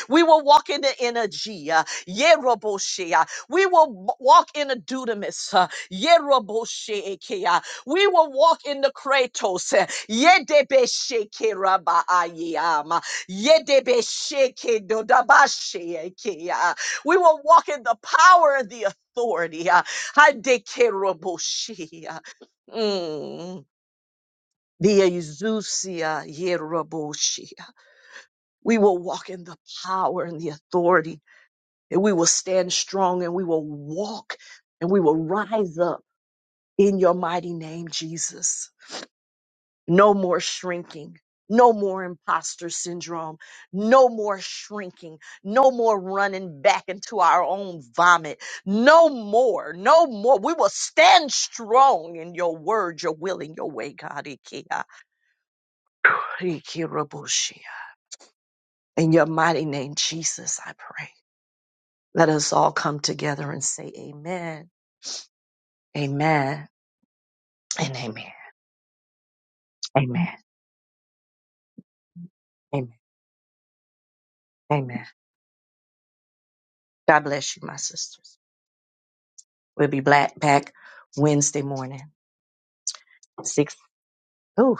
[SPEAKER 1] we will walk in the energy. Uh, Yeroboshe, uh, we will b- walk in the dudamis. Uh, Yeroboshe eke, uh, we will walk in the kratos. uh, Yedebeshe ke raba aye, um, uh, Yedebeshe ke dodabashe eke, uh, We will walk in the power and the authority. uh, Hadekeroboshe, uh, mm, The Azusia Yeroboshia. We will walk in the power and the authority and we will stand strong and we will walk and we will rise up in your mighty name, Jesus. No more shrinking. No more imposter syndrome. No more shrinking. No more running back into our own vomit. No more. No more. We will stand strong in your word, your will, and your way, God. Ikea. Ikirabushia. In your mighty name, Jesus, I pray. Let us all come together and say amen. Amen. And amen. Amen. Amen. Amen. God bless you, my sisters. We'll be black back Wednesday morning. Six. Ooh,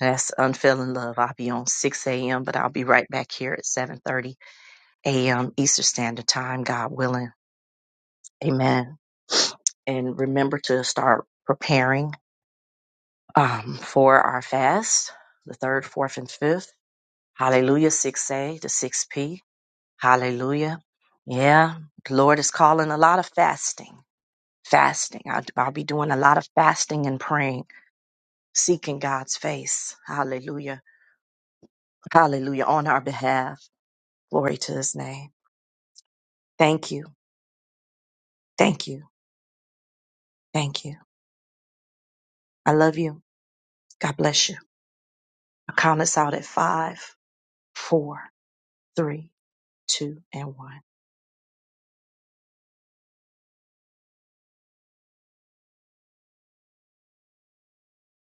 [SPEAKER 1] that's unfailing love. I'll be on 6 a.m., but I'll be right back here at 7:30 a.m. Eastern Standard Time, God willing. Amen. And remember to start preparing um, for our fast, the third, fourth, and fifth. Hallelujah, 6A to 6P. Hallelujah. Yeah, the Lord is calling a lot of fasting. fasting. I'll, I'll be doing a lot of fasting and praying, seeking God's face. Hallelujah. Hallelujah. On our behalf. Glory to his name. Thank you. Thank you. Thank you. I love you. God bless you. I'll count us out at five, four, three, two, and one.